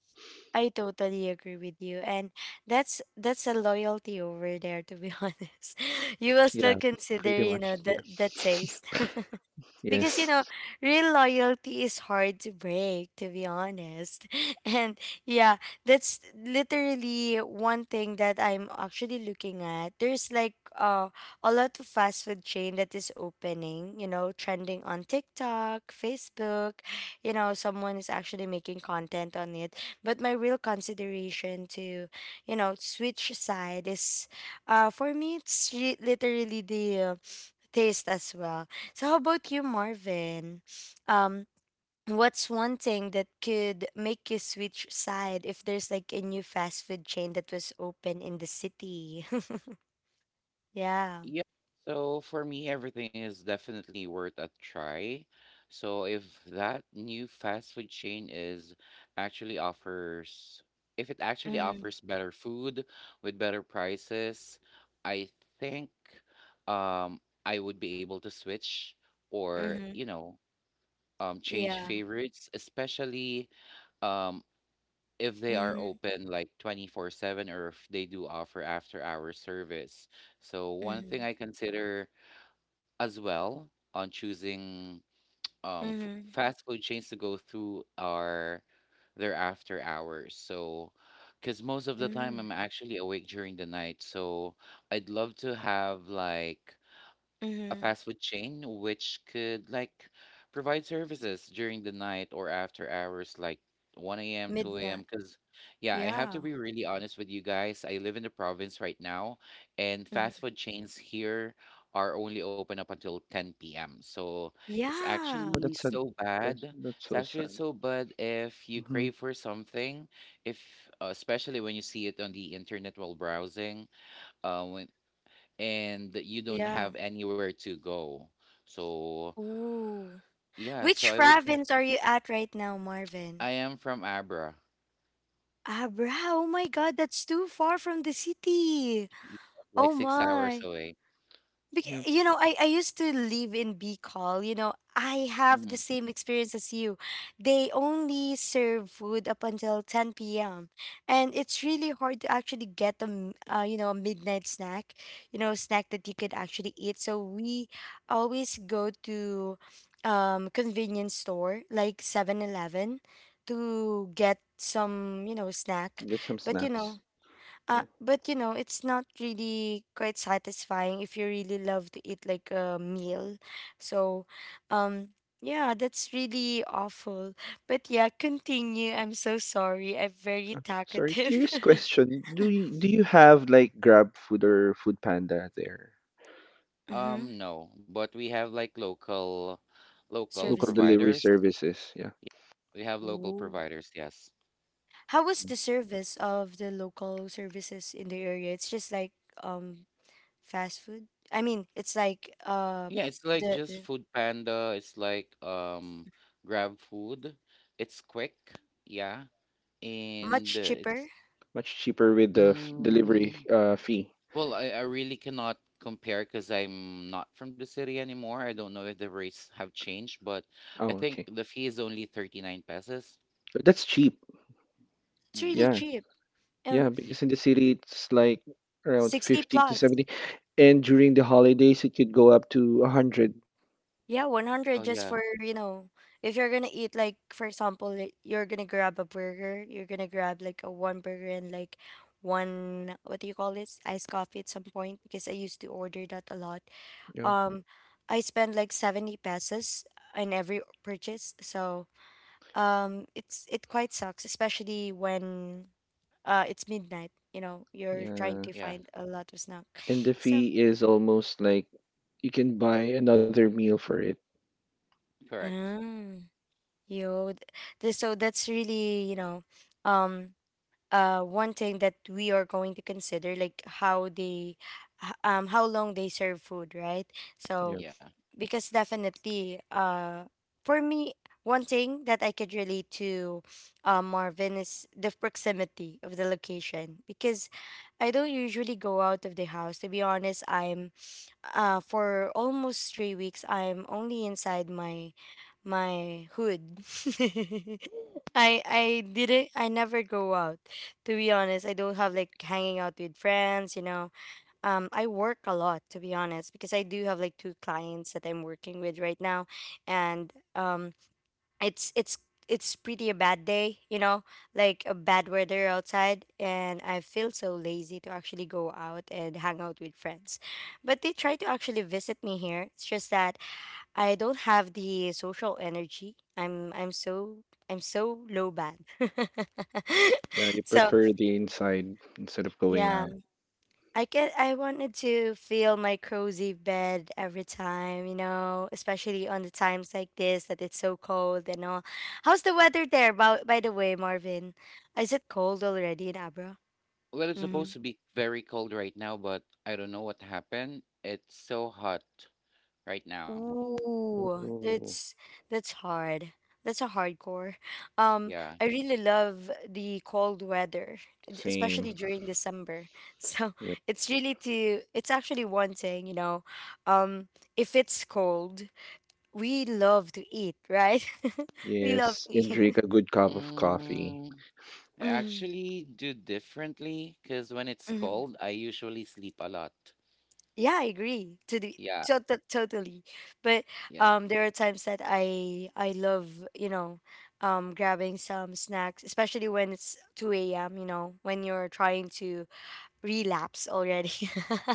Speaker 1: I totally agree with you. And that's a loyalty over there, to be honest. You will
Speaker 2: Yeah,
Speaker 1: still consider,
Speaker 2: pretty
Speaker 1: you
Speaker 2: much.
Speaker 1: know,
Speaker 2: Yeah.
Speaker 1: the taste. Because you
Speaker 2: Yes.
Speaker 1: know, real loyalty is hard to break, to be honest. And yeah, that's literally one thing that I'm actually looking at. There's like a lot of fast food chain that is opening, you know, trending on TikTok, Facebook. You know, someone is actually making content on it. But my real consideration to, you know, switch side is, for me, it's literally the taste as well. So how about you, Marvin? Um, what's one thing that could make you switch side if there's like a new fast food chain that was open in the city? Yeah.
Speaker 3: Yeah, so for me, everything is definitely worth a try. So if that new fast food chain actually offers, if it actually
Speaker 1: Mm-hmm.
Speaker 3: offers better food with better prices, I think um I would be able to switch or,
Speaker 1: Mm-hmm.
Speaker 3: you know, change
Speaker 1: Yeah.
Speaker 3: favorites, especially um if they are
Speaker 1: Mm-hmm.
Speaker 3: open like 24/7 or if they do offer after hour service. So one
Speaker 1: Mm-hmm.
Speaker 3: thing I consider as well on choosing
Speaker 1: Mm-hmm.
Speaker 3: fast food chains to go through are their after hours. So, because most of the time
Speaker 1: Mm-hmm.
Speaker 3: I'm actually awake during the night, so I'd love to have like a
Speaker 1: Mm-hmm.
Speaker 3: fast food chain which could like provide services during the night or after hours like 1 a.m., 2
Speaker 1: Midnight.
Speaker 3: a.m. Because yeah, I have to
Speaker 1: Yeah.
Speaker 3: be really honest with you guys, I live in the province right now, and fast
Speaker 1: Mm-hmm.
Speaker 3: food chains here are only open up until 10 p.m. So it's
Speaker 1: Yeah.
Speaker 2: Oh,
Speaker 3: actually
Speaker 2: that's sad.
Speaker 3: so
Speaker 2: Those,
Speaker 3: bad
Speaker 2: that's
Speaker 3: it's
Speaker 2: so
Speaker 3: actually
Speaker 2: sad.
Speaker 3: so bad if you
Speaker 2: Mm-hmm.
Speaker 3: crave for something, if especially when you see it on the internet while browsing. Um, and you don't
Speaker 1: Yeah.
Speaker 3: have anywhere to go. So
Speaker 1: Ooh.
Speaker 3: yeah, so
Speaker 1: Which
Speaker 3: I would,
Speaker 1: province are you at right now, Marvin?
Speaker 3: I am from Abra,
Speaker 1: Abra, oh my god, that's too far from the city.
Speaker 3: yeah, like
Speaker 1: Oh
Speaker 3: six hours
Speaker 1: my.
Speaker 3: away.
Speaker 1: Because,
Speaker 2: Yep.
Speaker 1: you know, I used to live in Bicol. You know, I have the
Speaker 3: Hmm.
Speaker 1: same experience as you. They only serve food up until 10 p.m. And it's really hard to actually get a, you know, a midnight snack, you know, a snack that you could actually eat. So we always go to convenience store like 7-Eleven to get some, you know, snack.
Speaker 2: Get some
Speaker 1: But, you
Speaker 2: snacks.
Speaker 1: know,
Speaker 2: Mm.
Speaker 1: it's not really quite satisfying if you really love to eat like a meal. So, um, yeah, that's really awful. But yeah, continue. I'm so sorry. I'm very
Speaker 2: Sorry,
Speaker 1: talkative.
Speaker 2: curious question. Do you have like Grab Food or Food Panda there?
Speaker 1: Mm-hmm.
Speaker 3: No, but we have like local
Speaker 2: Local
Speaker 1: Services.
Speaker 2: delivery
Speaker 3: providers.
Speaker 2: services, yeah.
Speaker 3: Yeah, we have local
Speaker 1: Ooh.
Speaker 3: providers, yes.
Speaker 1: How was the service of the local services in the area? It's just like um fast food. I mean, it's like
Speaker 3: Yeah, it's like
Speaker 1: the,
Speaker 3: just
Speaker 1: the
Speaker 3: Food Panda, it's like Grab Food. It's quick, yeah. And
Speaker 1: much
Speaker 3: uh,
Speaker 1: cheaper.
Speaker 3: it's
Speaker 2: Much cheaper with the f delivery
Speaker 3: mm,
Speaker 2: fee.
Speaker 3: well, I really cannot compare because I'm not from the city anymore. I don't know if the rates have changed, but I
Speaker 2: Oh,
Speaker 3: think
Speaker 2: okay.
Speaker 3: the fee is only 39 pesos.
Speaker 2: But that's cheap.
Speaker 1: It's
Speaker 3: Mm.
Speaker 1: really
Speaker 2: Yeah.
Speaker 1: cheap. Um,
Speaker 2: Yeah,
Speaker 3: Yeah.
Speaker 2: because in the city it's like around
Speaker 1: 60
Speaker 2: 50 to
Speaker 1: plus.
Speaker 2: 70 and during the holidays it could go up to 100.
Speaker 1: Yeah,
Speaker 3: Oh,
Speaker 1: 100 just
Speaker 3: yeah.
Speaker 1: for, if you're gonna eat, like, for example, like, you're gonna grab a burger, you're gonna grab like a one burger and like one, what do you call this? Iced coffee at some point, because I used to order that a lot.
Speaker 2: Yeah.
Speaker 1: Um, I spend like 70 pesos in every purchase, so it quite sucks, especially when it's midnight, you know, you're trying
Speaker 2: Yeah.
Speaker 1: to
Speaker 3: Yeah.
Speaker 1: find a lot of snack.
Speaker 2: And the
Speaker 1: So,
Speaker 2: fee is almost like you can buy another meal for it.
Speaker 3: Correct.
Speaker 1: ah. Yo, th- so that's really, um, one thing that we are going to consider, like how they, how long they serve food, right? So
Speaker 2: Yeah.
Speaker 3: Yeah.
Speaker 1: because definitely, for me, one thing that I could relate to, Marvin, is the proximity of the location because I don't usually go out of the house. To be honest, I'm for almost 3 weeks I'm only inside my hood. I never go out. To be honest, I don't have like hanging out with friends, you know. I work a lot, to be honest, because I do have like two clients that I'm working with right now, and it's it's it's pretty a bad day, you know, like a bad weather outside, and I feel so lazy to actually go out and hang out with friends. But they try to actually visit me here. It's just that I don't have the social energy. I'm so I'm so low bad.
Speaker 2: Yeah, you
Speaker 1: So
Speaker 2: prefer the inside instead of going
Speaker 1: yeah.
Speaker 2: out.
Speaker 1: I wanted to feel my cozy bed every time, you know, especially on the times like this that it's so cold and all. How's the weather there by the way, Marvin? Is it cold already in Abra?
Speaker 3: Well, it's supposed
Speaker 1: Mm-hmm.
Speaker 3: to be very cold right now, but I don't know what happened. It's so hot right now.
Speaker 1: Ooh,
Speaker 2: Oh,
Speaker 1: that's hard. That's a hardcore. Um,
Speaker 3: Yeah.
Speaker 1: I really love the cold weather, especially
Speaker 2: same.
Speaker 1: during December. So
Speaker 2: Yep.
Speaker 1: it's really to it's actually one thing, you know. Um, if it's cold we love to eat, right? We love
Speaker 2: Yes,
Speaker 1: to
Speaker 2: and
Speaker 1: eat.
Speaker 2: drink a good cup of coffee.
Speaker 3: Mm, I
Speaker 1: Hmm.
Speaker 3: actually do differently, because when it's
Speaker 1: Hmm.
Speaker 3: cold, I usually sleep a lot.
Speaker 1: Yeah, I agree to
Speaker 3: Yeah.
Speaker 1: totally. But
Speaker 3: Yeah.
Speaker 1: there are times that I love, you know grabbing some snacks, especially when it's two a.m. You know, when you're trying to relapse already.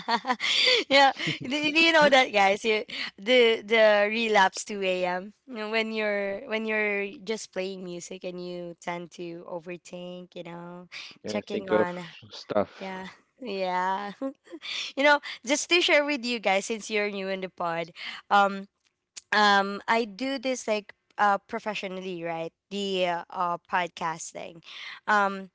Speaker 1: Yeah, do you know that, guys? You, the relapse, two a.m. You know, when you're just playing music and you tend to overthink. You know,
Speaker 2: Yeah,
Speaker 1: checking
Speaker 2: think of
Speaker 1: on.
Speaker 2: stuff.
Speaker 1: Yeah, yeah. You know, just to share with you guys, since you're new in the pod, um, I do this like professionally, right? The podcasting, um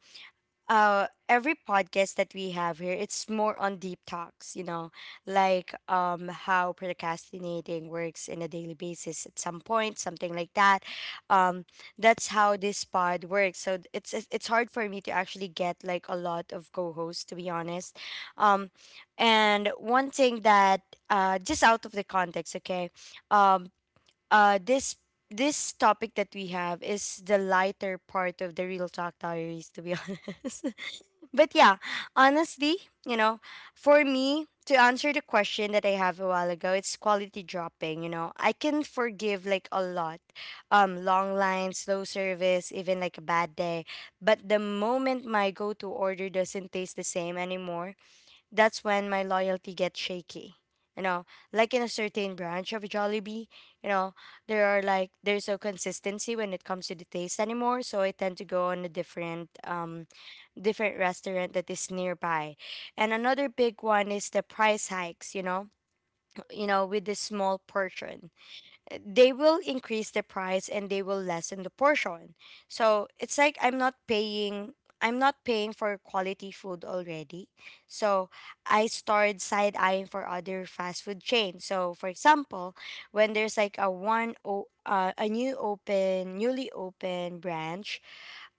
Speaker 1: every podcast that we have here, it's more on deep talks, you know, like how procrastinating works in a daily basis at some point, something like that. um that's how this pod works, so it's hard for me to actually get like a lot of co-hosts, to be honest. um and one thing that just out of the context, okay. um uh this this topic that we have is the lighter part of the real talk diaries, to be honest. But yeah, honestly, you know, for me to answer the question that I have a while ago, it's quality dropping, you know. I can forgive like a lot. Long lines, slow service, even like a bad day, but the moment my go-to order doesn't taste the same anymore, that's when my loyalty gets shaky. You know, like in a certain branch of Jollibee, you know, there are like there's no consistency when it comes to the taste anymore. So I tend to go on a different, different restaurant that is nearby. And another big one is the price hikes. You know, you know, with the small portion, they will increase the price and they will lessen the portion. So it's like I'm not paying for quality food already. So I started side eyeing for other fast food chains. So for example, when there's like a one o a new open newly open branch,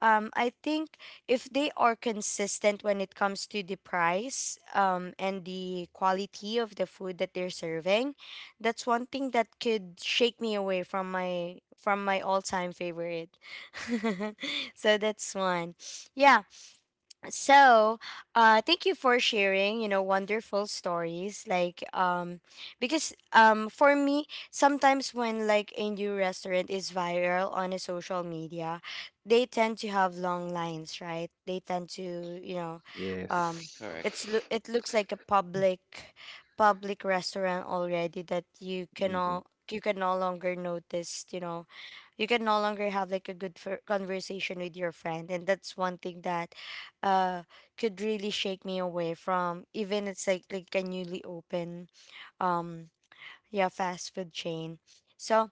Speaker 1: I think if they are consistent when it comes to the price, and the quality of the food that they're serving, that's one thing that could shake me away from my all-time favorite. So that's one. Yeah, so thank you for sharing, you know, wonderful stories, like because for me, sometimes when like a new restaurant is viral on a social media, they tend to have long lines, right? They tend to, you know, um
Speaker 2: Yes.
Speaker 3: Correct.
Speaker 1: it looks like a public restaurant already that
Speaker 2: hmm
Speaker 1: you can no longer notice, you know, you can no longer have like a conversation with your friend, and that's one thing that uh could really shake me away from, even it's like a newly open, um yeah, fast food chain. So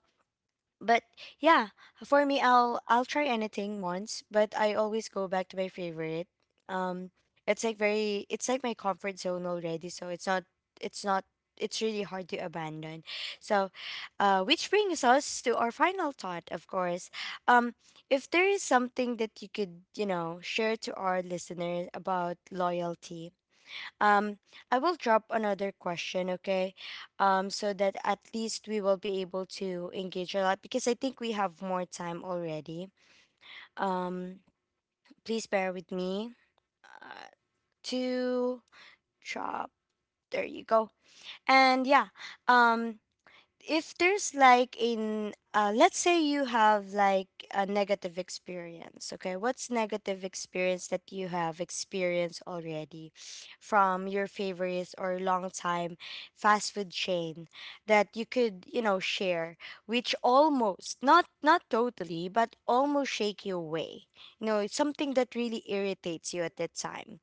Speaker 1: but Yeah, for me, I'll try anything once, but I always go back to my favorite. um it's like my comfort zone already, so it's not it's not it's really hard to abandon. So which brings us to our final thought, of course. um if there is something that you could, you know, share to our listeners about loyalty, um, I will drop another question, okay? So that at least we will be able to engage a lot, because I think we have more time already. Um, please bear with me. Uh, to Drop. There you go. And yeah. Um, if there's like in let's say you have like a negative experience, okay, what's negative experience that you have experienced already from your favorites or long time fast food chain that you could, you know, share, which almost not totally but almost shake you away, you know, it's something that really irritates you at that time,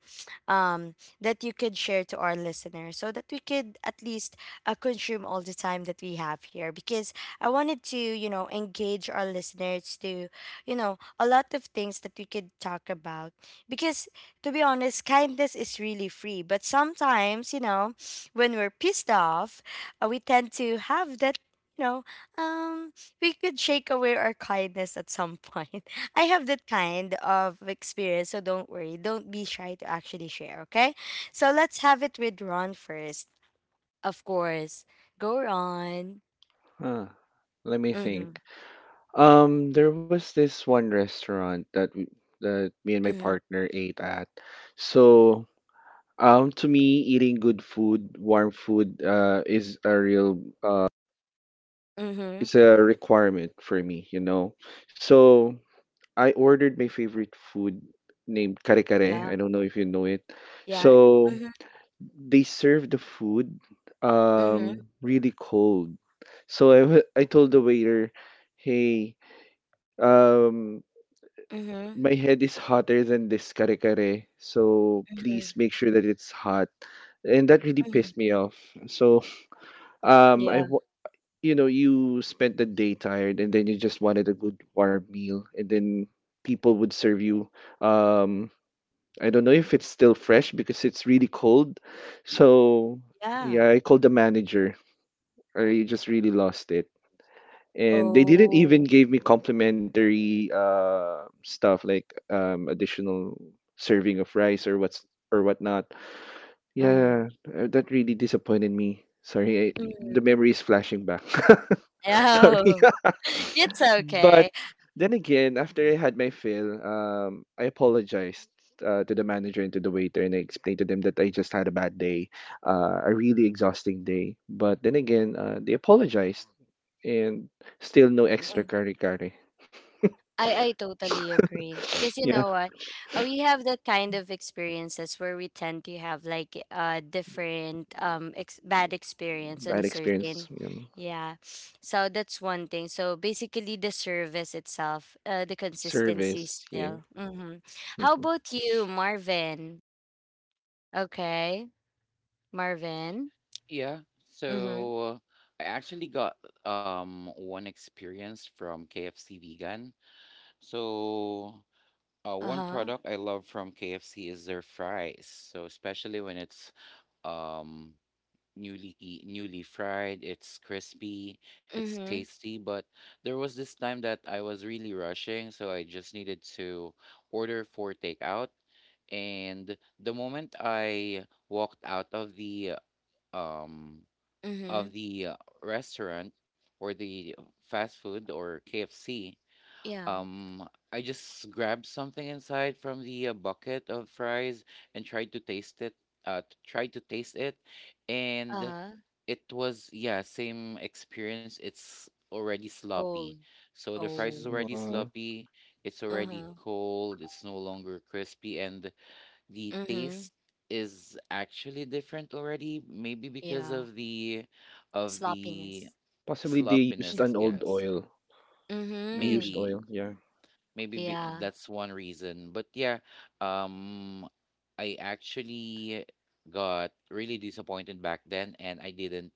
Speaker 1: um that you could share to our listeners so that we could at least consume all the time that we have here, because I wanted to, you know, engage our listeners to, you know, a lot of things that we could talk about. Because to be honest, kindness is really free, but sometimes, you know, when we're pissed off, we tend to have that. You know, um, we could shake away our kindness at some point. I have that kind of experience, so don't worry. Don't be shy to actually share, okay? So let's have it with Ron first. Of course. Go on.
Speaker 2: Huh. Let me
Speaker 1: Mhm.
Speaker 2: think. There was this one restaurant that that me and my
Speaker 1: Mhm.
Speaker 2: partner ate at. So, to me, eating good food, warm food, is a real
Speaker 1: Mhm.
Speaker 2: it's a requirement for me, you know. So I ordered my favorite food named kare kare.
Speaker 1: Yeah.
Speaker 2: I don't know if you know it.
Speaker 1: Yeah.
Speaker 2: So
Speaker 1: Mhm.
Speaker 2: they serve the food
Speaker 1: Mhm.
Speaker 2: really cold. So I told the waiter, "Hey, um,
Speaker 1: Mhm.
Speaker 2: my head is hotter than this kare kare, so
Speaker 1: Mhm.
Speaker 2: please make sure that it's hot." And that really
Speaker 1: Mhm.
Speaker 2: pissed me off. So um I
Speaker 1: Yeah.
Speaker 2: wa- you know, you spent the day tired and then you just wanted a good warm meal and then people would serve you, um, I don't know if it's still fresh because it's really cold. So
Speaker 1: Yeah.
Speaker 2: yeah, I called the manager or you just really lost it. And they didn't even
Speaker 1: Oh.
Speaker 2: give me complimentary stuff like additional serving of rice or what's or whatnot.
Speaker 1: Uh-huh.
Speaker 2: Yeah, that really disappointed me. Sorry, the
Speaker 1: Mhm.
Speaker 2: memory is flashing back. Sorry.
Speaker 1: No. It's
Speaker 2: But
Speaker 1: okay.
Speaker 2: then again, after I had my fill, I apologized to the manager and to the waiter, and I explained to them that I just had a bad day, a really exhausting day. But then again, they apologized, and still no extra curry.
Speaker 1: I totally agree, because you
Speaker 2: Yeah,
Speaker 1: know what. We have that kind of experiences where we tend to have like different bad experience on a
Speaker 2: bad experience.
Speaker 1: certain,
Speaker 2: Yeah.
Speaker 1: yeah. So that's one thing, so basically the service itself, the consistency
Speaker 2: Service. Yeah.
Speaker 1: still. Mm-hmm. How about you, Marvin? Okay, Marvin.
Speaker 3: Yeah.
Speaker 1: Mm-hmm.
Speaker 3: So I actually got one experience from KFC vegan. So one
Speaker 1: Uh-huh.
Speaker 3: product I love from KFC is their fries. So especially when it's um newly fried, it's crispy, it's
Speaker 1: Mm-hmm.
Speaker 3: tasty, but there was this time that I was really rushing, so I just needed to order for takeout. And the moment I walked out of the um of
Speaker 1: Mm-hmm.
Speaker 3: the uh, restaurant or the fast food or KFC,
Speaker 1: Yeah.
Speaker 3: um, I just grabbed something inside from the bucket of fries and tried to taste it. Uh, t- tried to taste it, and
Speaker 1: Uh-huh.
Speaker 3: it was yeah same experience. It's already sloppy,
Speaker 1: Old.
Speaker 3: so the fries is
Speaker 1: Oh.
Speaker 2: Mm-hmm.
Speaker 3: already sloppy. It's already
Speaker 1: Uh-huh.
Speaker 3: cold. It's no longer crispy, and the
Speaker 1: Mm-hmm.
Speaker 3: taste is actually different already, maybe because
Speaker 1: Yeah.
Speaker 3: of the
Speaker 1: Sloppiness.
Speaker 2: Possibly they used
Speaker 3: sloppiness,
Speaker 2: an old
Speaker 3: yes.
Speaker 2: oil, a
Speaker 1: Mm-hmm.
Speaker 2: used
Speaker 3: maybe
Speaker 2: oil. Yeah.
Speaker 3: maybe be,
Speaker 1: Yeah.
Speaker 3: that's one reason, but yeah, um I actually got really disappointed back then, and I didn't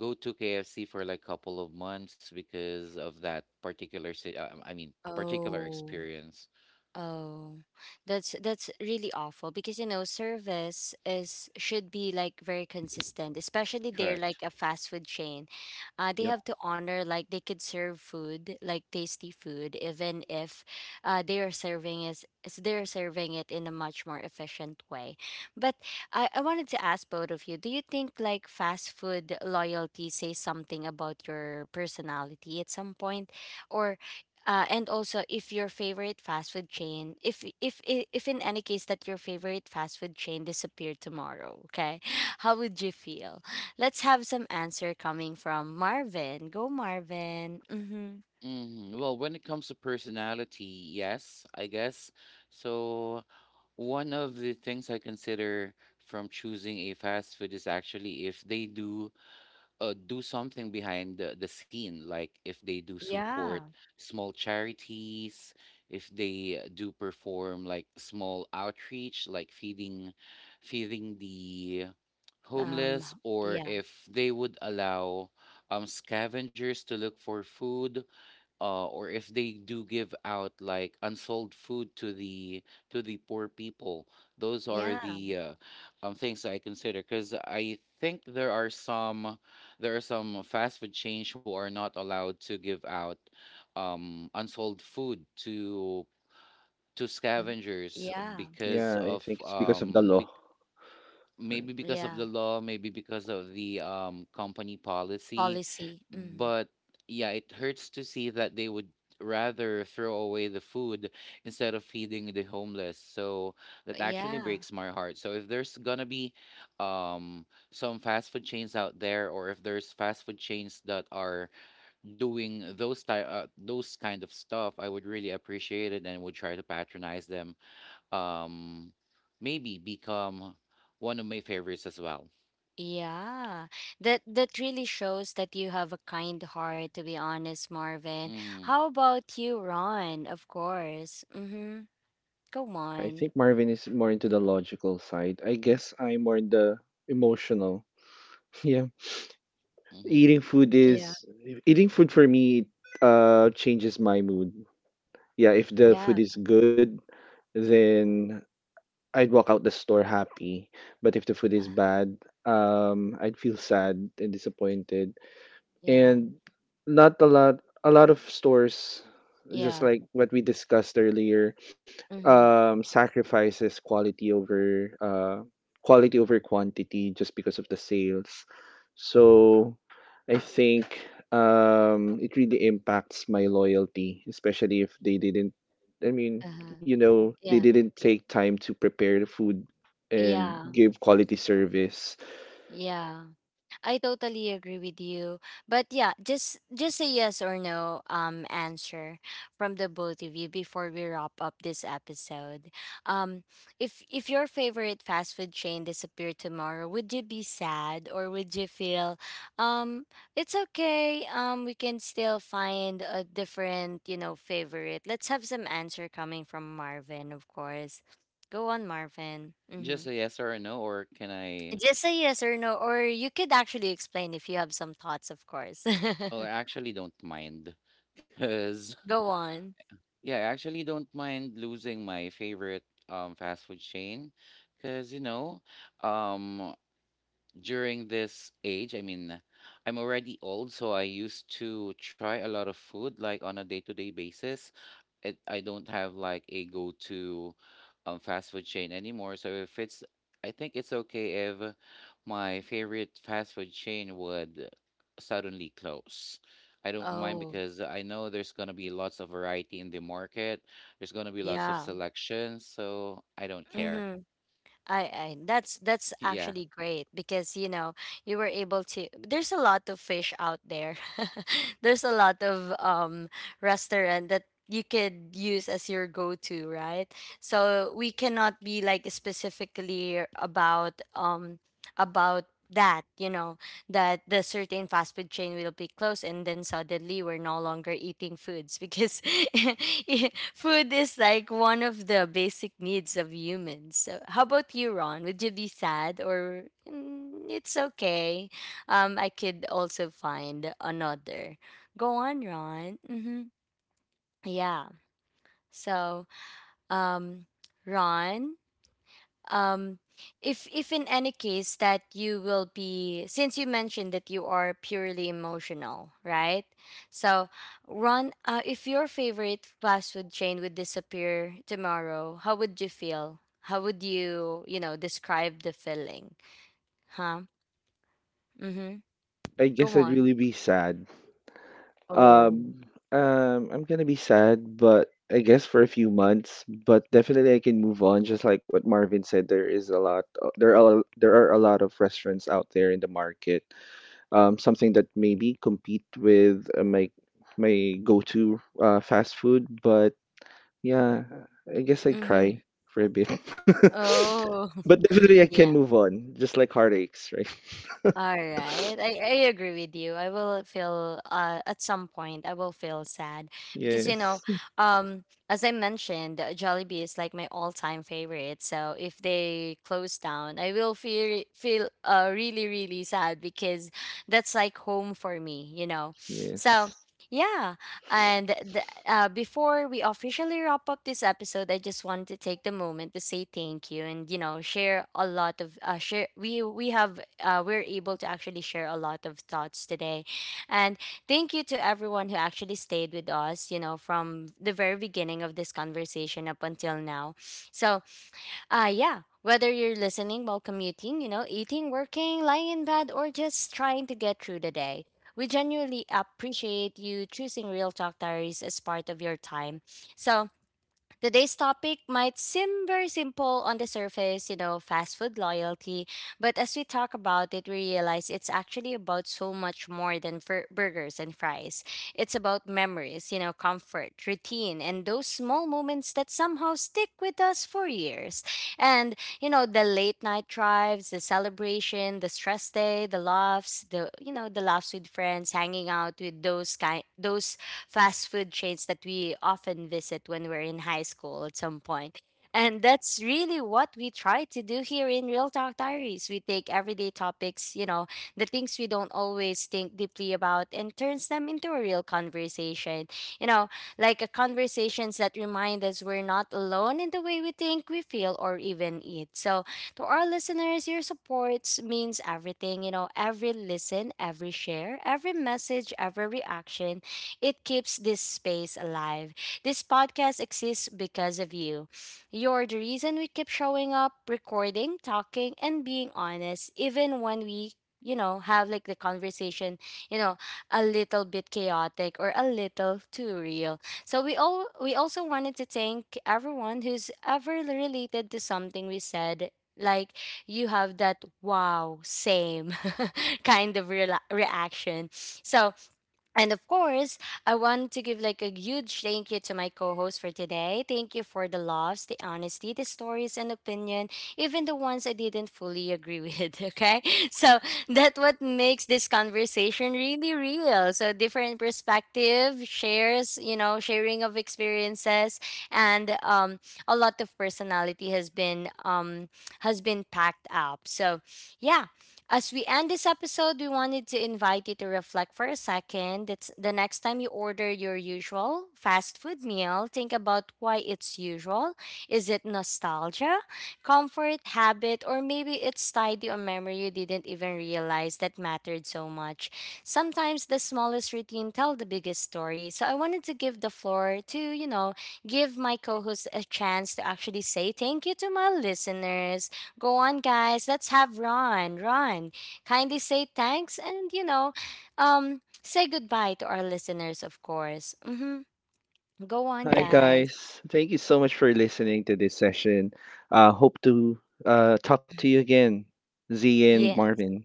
Speaker 3: go to KFC for like a couple of months because of that particular si- I mean particular
Speaker 1: Oh.
Speaker 3: experience.
Speaker 1: Oh, that's really awful, because you know service is should be like very consistent, especially they're
Speaker 3: Correct.
Speaker 1: like a fast food chain. They
Speaker 2: Yep.
Speaker 1: have to honor, like they could serve food like tasty food even if they are serving is they're serving it in a much more efficient way. But I wanted to ask both of you, do you think like fast food loyalty says something about your personality at some point? Or and also if your favorite fast food chain, if in any case that your favorite fast food chain disappeared tomorrow, okay? How would you feel? Let's have some answer coming from Marvin. Go, Marvin. Mm-hmm.
Speaker 3: Mm, well, when it comes to personality, yes, I guess. So, one of the things I consider from choosing a fast food is actually if they do do something behind the scene, like if they do support
Speaker 1: Yeah.
Speaker 3: small charities, if they do perform like small outreach, like feeding the
Speaker 1: Um.
Speaker 3: homeless, or
Speaker 1: Yeah.
Speaker 3: if they would allow scavengers to look for food, or if they do give out like unsold food to the, to the poor people. Those are
Speaker 1: Yeah.
Speaker 3: the things that I consider, because I think there are some, there are some fast food chains who are not allowed to give out unsold food to
Speaker 1: Mm.
Speaker 3: scavengers,
Speaker 1: Yeah.
Speaker 3: because
Speaker 2: Yeah, I
Speaker 3: of
Speaker 2: think it's because of the law. Right.
Speaker 3: maybe because of
Speaker 1: Yeah.
Speaker 3: the law, maybe because of the company policy.
Speaker 1: Policy. Mm.
Speaker 3: But yeah, it hurts to see that they would rather throw away the food instead of feeding the homeless. So that actually
Speaker 1: Yeah.
Speaker 3: breaks my heart. So if there's gonna be um, some fast food chains out there, or if there's fast food chains that are doing those kind of stuff, I would really appreciate it and would try to patronize them, um maybe become one of my favorites as well.
Speaker 1: Yeah, that really shows that you have a kind heart, to be honest, Marvin.
Speaker 3: Mm-hmm.
Speaker 1: How about you, Ron? Of course. Mm-hmm. Go
Speaker 2: Yeah, I
Speaker 1: on.
Speaker 2: think Marvin is more into the logical side. I guess I'm more in the emotional. Yeah.
Speaker 3: Mm-hmm.
Speaker 2: Eating food
Speaker 1: Yeah,
Speaker 2: is Eating food for me changes my mood. Yeah, if the
Speaker 1: yeah,
Speaker 2: food is good, then I'd walk out the store happy. But if the food is bad, I'd feel sad and disappointed.
Speaker 1: yeah,
Speaker 2: And not a lot a lot of stores, just
Speaker 1: yeah.
Speaker 2: like what we discussed earlier,
Speaker 1: Mm-hmm.
Speaker 2: sacrifices quality over quantity just because of the sales. So I think it really impacts my loyalty, especially if they didn't I mean,
Speaker 1: Uh-huh.
Speaker 2: you know, they
Speaker 1: Yeah,
Speaker 2: didn't take time to prepare the food and
Speaker 1: yeah,
Speaker 2: give quality service.
Speaker 1: yeah. I totally agree with you. But yeah, just a yes or no answer from the both of you before we wrap up this episode. Um if your favorite fast food chain disappeared tomorrow, would you be sad, or would you feel um it's okay. We can still find a different, you know, favorite. Let's have some answer coming from Marvin, of course. Go on, Marvin.
Speaker 3: Just
Speaker 1: Mhm.
Speaker 3: a yes or a no, or can I?
Speaker 1: Just say yes or no, or you could actually explain if you have some thoughts, of course.
Speaker 3: Oh, I actually don't mind, cause
Speaker 1: Go on.
Speaker 3: yeah, I actually don't mind losing my favorite fast food chain, cause you know, um during this age, I mean, I'm already old, so I used to try a lot of food like on a day to day basis. It I don't have like a go-to fast food chain anymore. So if it's I think it's okay if my favorite fast food chain would suddenly close. I don't mind
Speaker 1: Oh,
Speaker 3: because I know there's gonna be lots of variety in the market. There's gonna be lots of
Speaker 1: yeah.
Speaker 3: selection, so I don't care.
Speaker 1: Mm-hmm. I that's
Speaker 3: Yeah.
Speaker 1: actually great, because you know you were able to, there's a lot of fish out there. There's a lot of restaurant that you could use as your go-to, right? So we cannot be like specifically about about that, you know. That the certain fast food chain will be closed and then suddenly we're no longer eating foods because food is like one of the basic needs of humans. So how about you, Ron? Would you be sad or "Mm, it's okay, I could also find another"? Go on, Ron. Hmm. Yeah. so um Ron. um if in any case that you will be, since you mentioned that you are purely emotional, right? So Ron, if your favorite fast food chain would disappear tomorrow, how would you feel? How would you, you know describe the feeling? Huh. Mm-hmm.
Speaker 2: I guess
Speaker 1: Go
Speaker 2: I'd
Speaker 1: on.
Speaker 2: really be sad.
Speaker 1: Oh.
Speaker 2: Um, I'm gonna be sad, but I guess for a few months, but definitely I can move on. Just like what Marvin said, there are a lot of restaurants out there in the market. Something that maybe compete with my my go-to fast food, but yeah, I guess I'd
Speaker 1: Mm-hmm.
Speaker 2: cry for a bit.
Speaker 1: Oh.
Speaker 2: But definitely I can
Speaker 1: Yeah.
Speaker 2: move on, just like heartaches, right?
Speaker 1: All right. I agree with you. I will feel at some point I will feel sad because you know,
Speaker 2: Yes,
Speaker 1: as I mentioned, Jollibee is like my all-time favorite. So if they close down, I will feel really really sad because that's like home for me, you know. So
Speaker 2: yes.
Speaker 1: yeah, and before we officially wrap up this episode, I just wanted to take the moment to say thank you and you know share a lot of share. We have we're able to actually share a lot of thoughts today, and thank you to everyone who actually stayed with us. You know, from the very beginning of this conversation up until now. So yeah. Whether you're listening while commuting, you know, eating, working, lying in bed, or just trying to get through the day, we genuinely appreciate you choosing Real Talk Diaries as part of your time. So, today's topic might seem very simple on the surface, you know, fast food loyalty, but as we talk about it, we realize it's actually about so much more than burgers and fries. It's about memories, you know, comfort, routine, and those small moments that somehow stick with us for years. And, you know, the late night drives, the celebration, the stress day, the laughs, the, you know, the laughs with friends, hanging out with those kind, those fast food chains that we often visit when we're in high school at some point. And that's really what we try to do here in Real Talk Diaries. We take everyday topics, you know, the things we don't always think deeply about, and turns them into a real conversation. You know, like a conversations that remind us we're not alone in the way we think, we feel, or even eat. So to our listeners, your supports means everything. You know, every listen, every share, every message, every reaction, it keeps this space alive. This podcast exists because of you. You're the reason we keep showing up, recording, talking, and being honest, even when we you know have like the conversation you know a little bit chaotic or a little too real. So we all we also wanted to thank everyone who's ever related to something we said, like you have that wow same kind of rela reaction. So and of course, I want to give like a huge thank you to my co-host for today. Thank you for the laughs, the honesty, the stories and opinion, even the ones I didn't fully agree with, okay? So that what makes this conversation really real. So different perspective, shares, you know, sharing of experiences and a lot of personality has been packed up. So yeah, as we end this episode, we wanted to invite you to reflect for a second. It's the next time you order your usual fast food meal, think about why it's usual. Is it nostalgia, comfort, habit, or maybe it's tied to a memory you didn't even realize that mattered so much? Sometimes the smallest routine tell the biggest story. So I wanted to give the floor to, you know, give my co-host a chance to actually say thank you to my listeners. Go on, guys. Let's have Ron. Ron, kindly say thanks and, you know, say goodbye to our listeners, of course. Mm-hmm. Go on,
Speaker 2: Hi
Speaker 1: guys.
Speaker 2: guys. Thank you so much for listening to this session. Hope to talk to you again, Z and
Speaker 1: Yes,
Speaker 2: Marvin.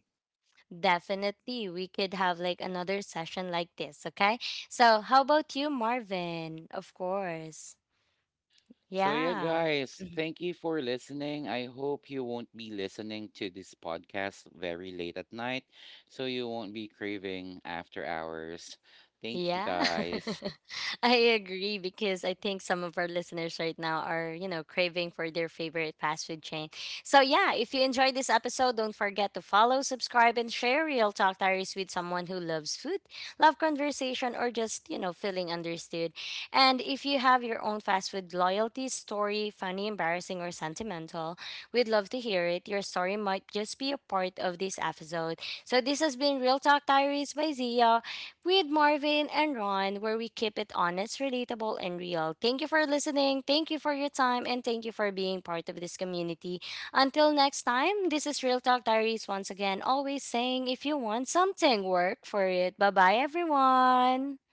Speaker 1: definitely. We could have like another session like this, okay? So, how about you, Marvin? Of course.
Speaker 3: So, yeah,
Speaker 1: Yeah.
Speaker 3: guys, thank you for listening. I hope you won't be listening to this podcast very late at night, so you won't be craving after hours. Thank you,
Speaker 1: Yeah,
Speaker 3: guys.
Speaker 1: I agree because I think some of our listeners right now are, you know, craving for their favorite fast food chain. So, yeah, if you enjoyed this episode, don't forget to follow, subscribe, and share Real Talk Diaries with someone who loves food, love conversation, or just, you know, feeling understood. And if you have your own fast food loyalty story, funny, embarrassing, or sentimental, we'd love to hear it. Your story might just be a part of this episode. So, this has been Real Talk Diaries by Zia with Marvin and Ron, where we keep it honest, relatable, and real. Thank you for listening. Thank you for your time. And thank you for being part of this community. Until next time, this is Real Talk Diaries once again, always saying if you want something, work for it. Bye bye, everyone.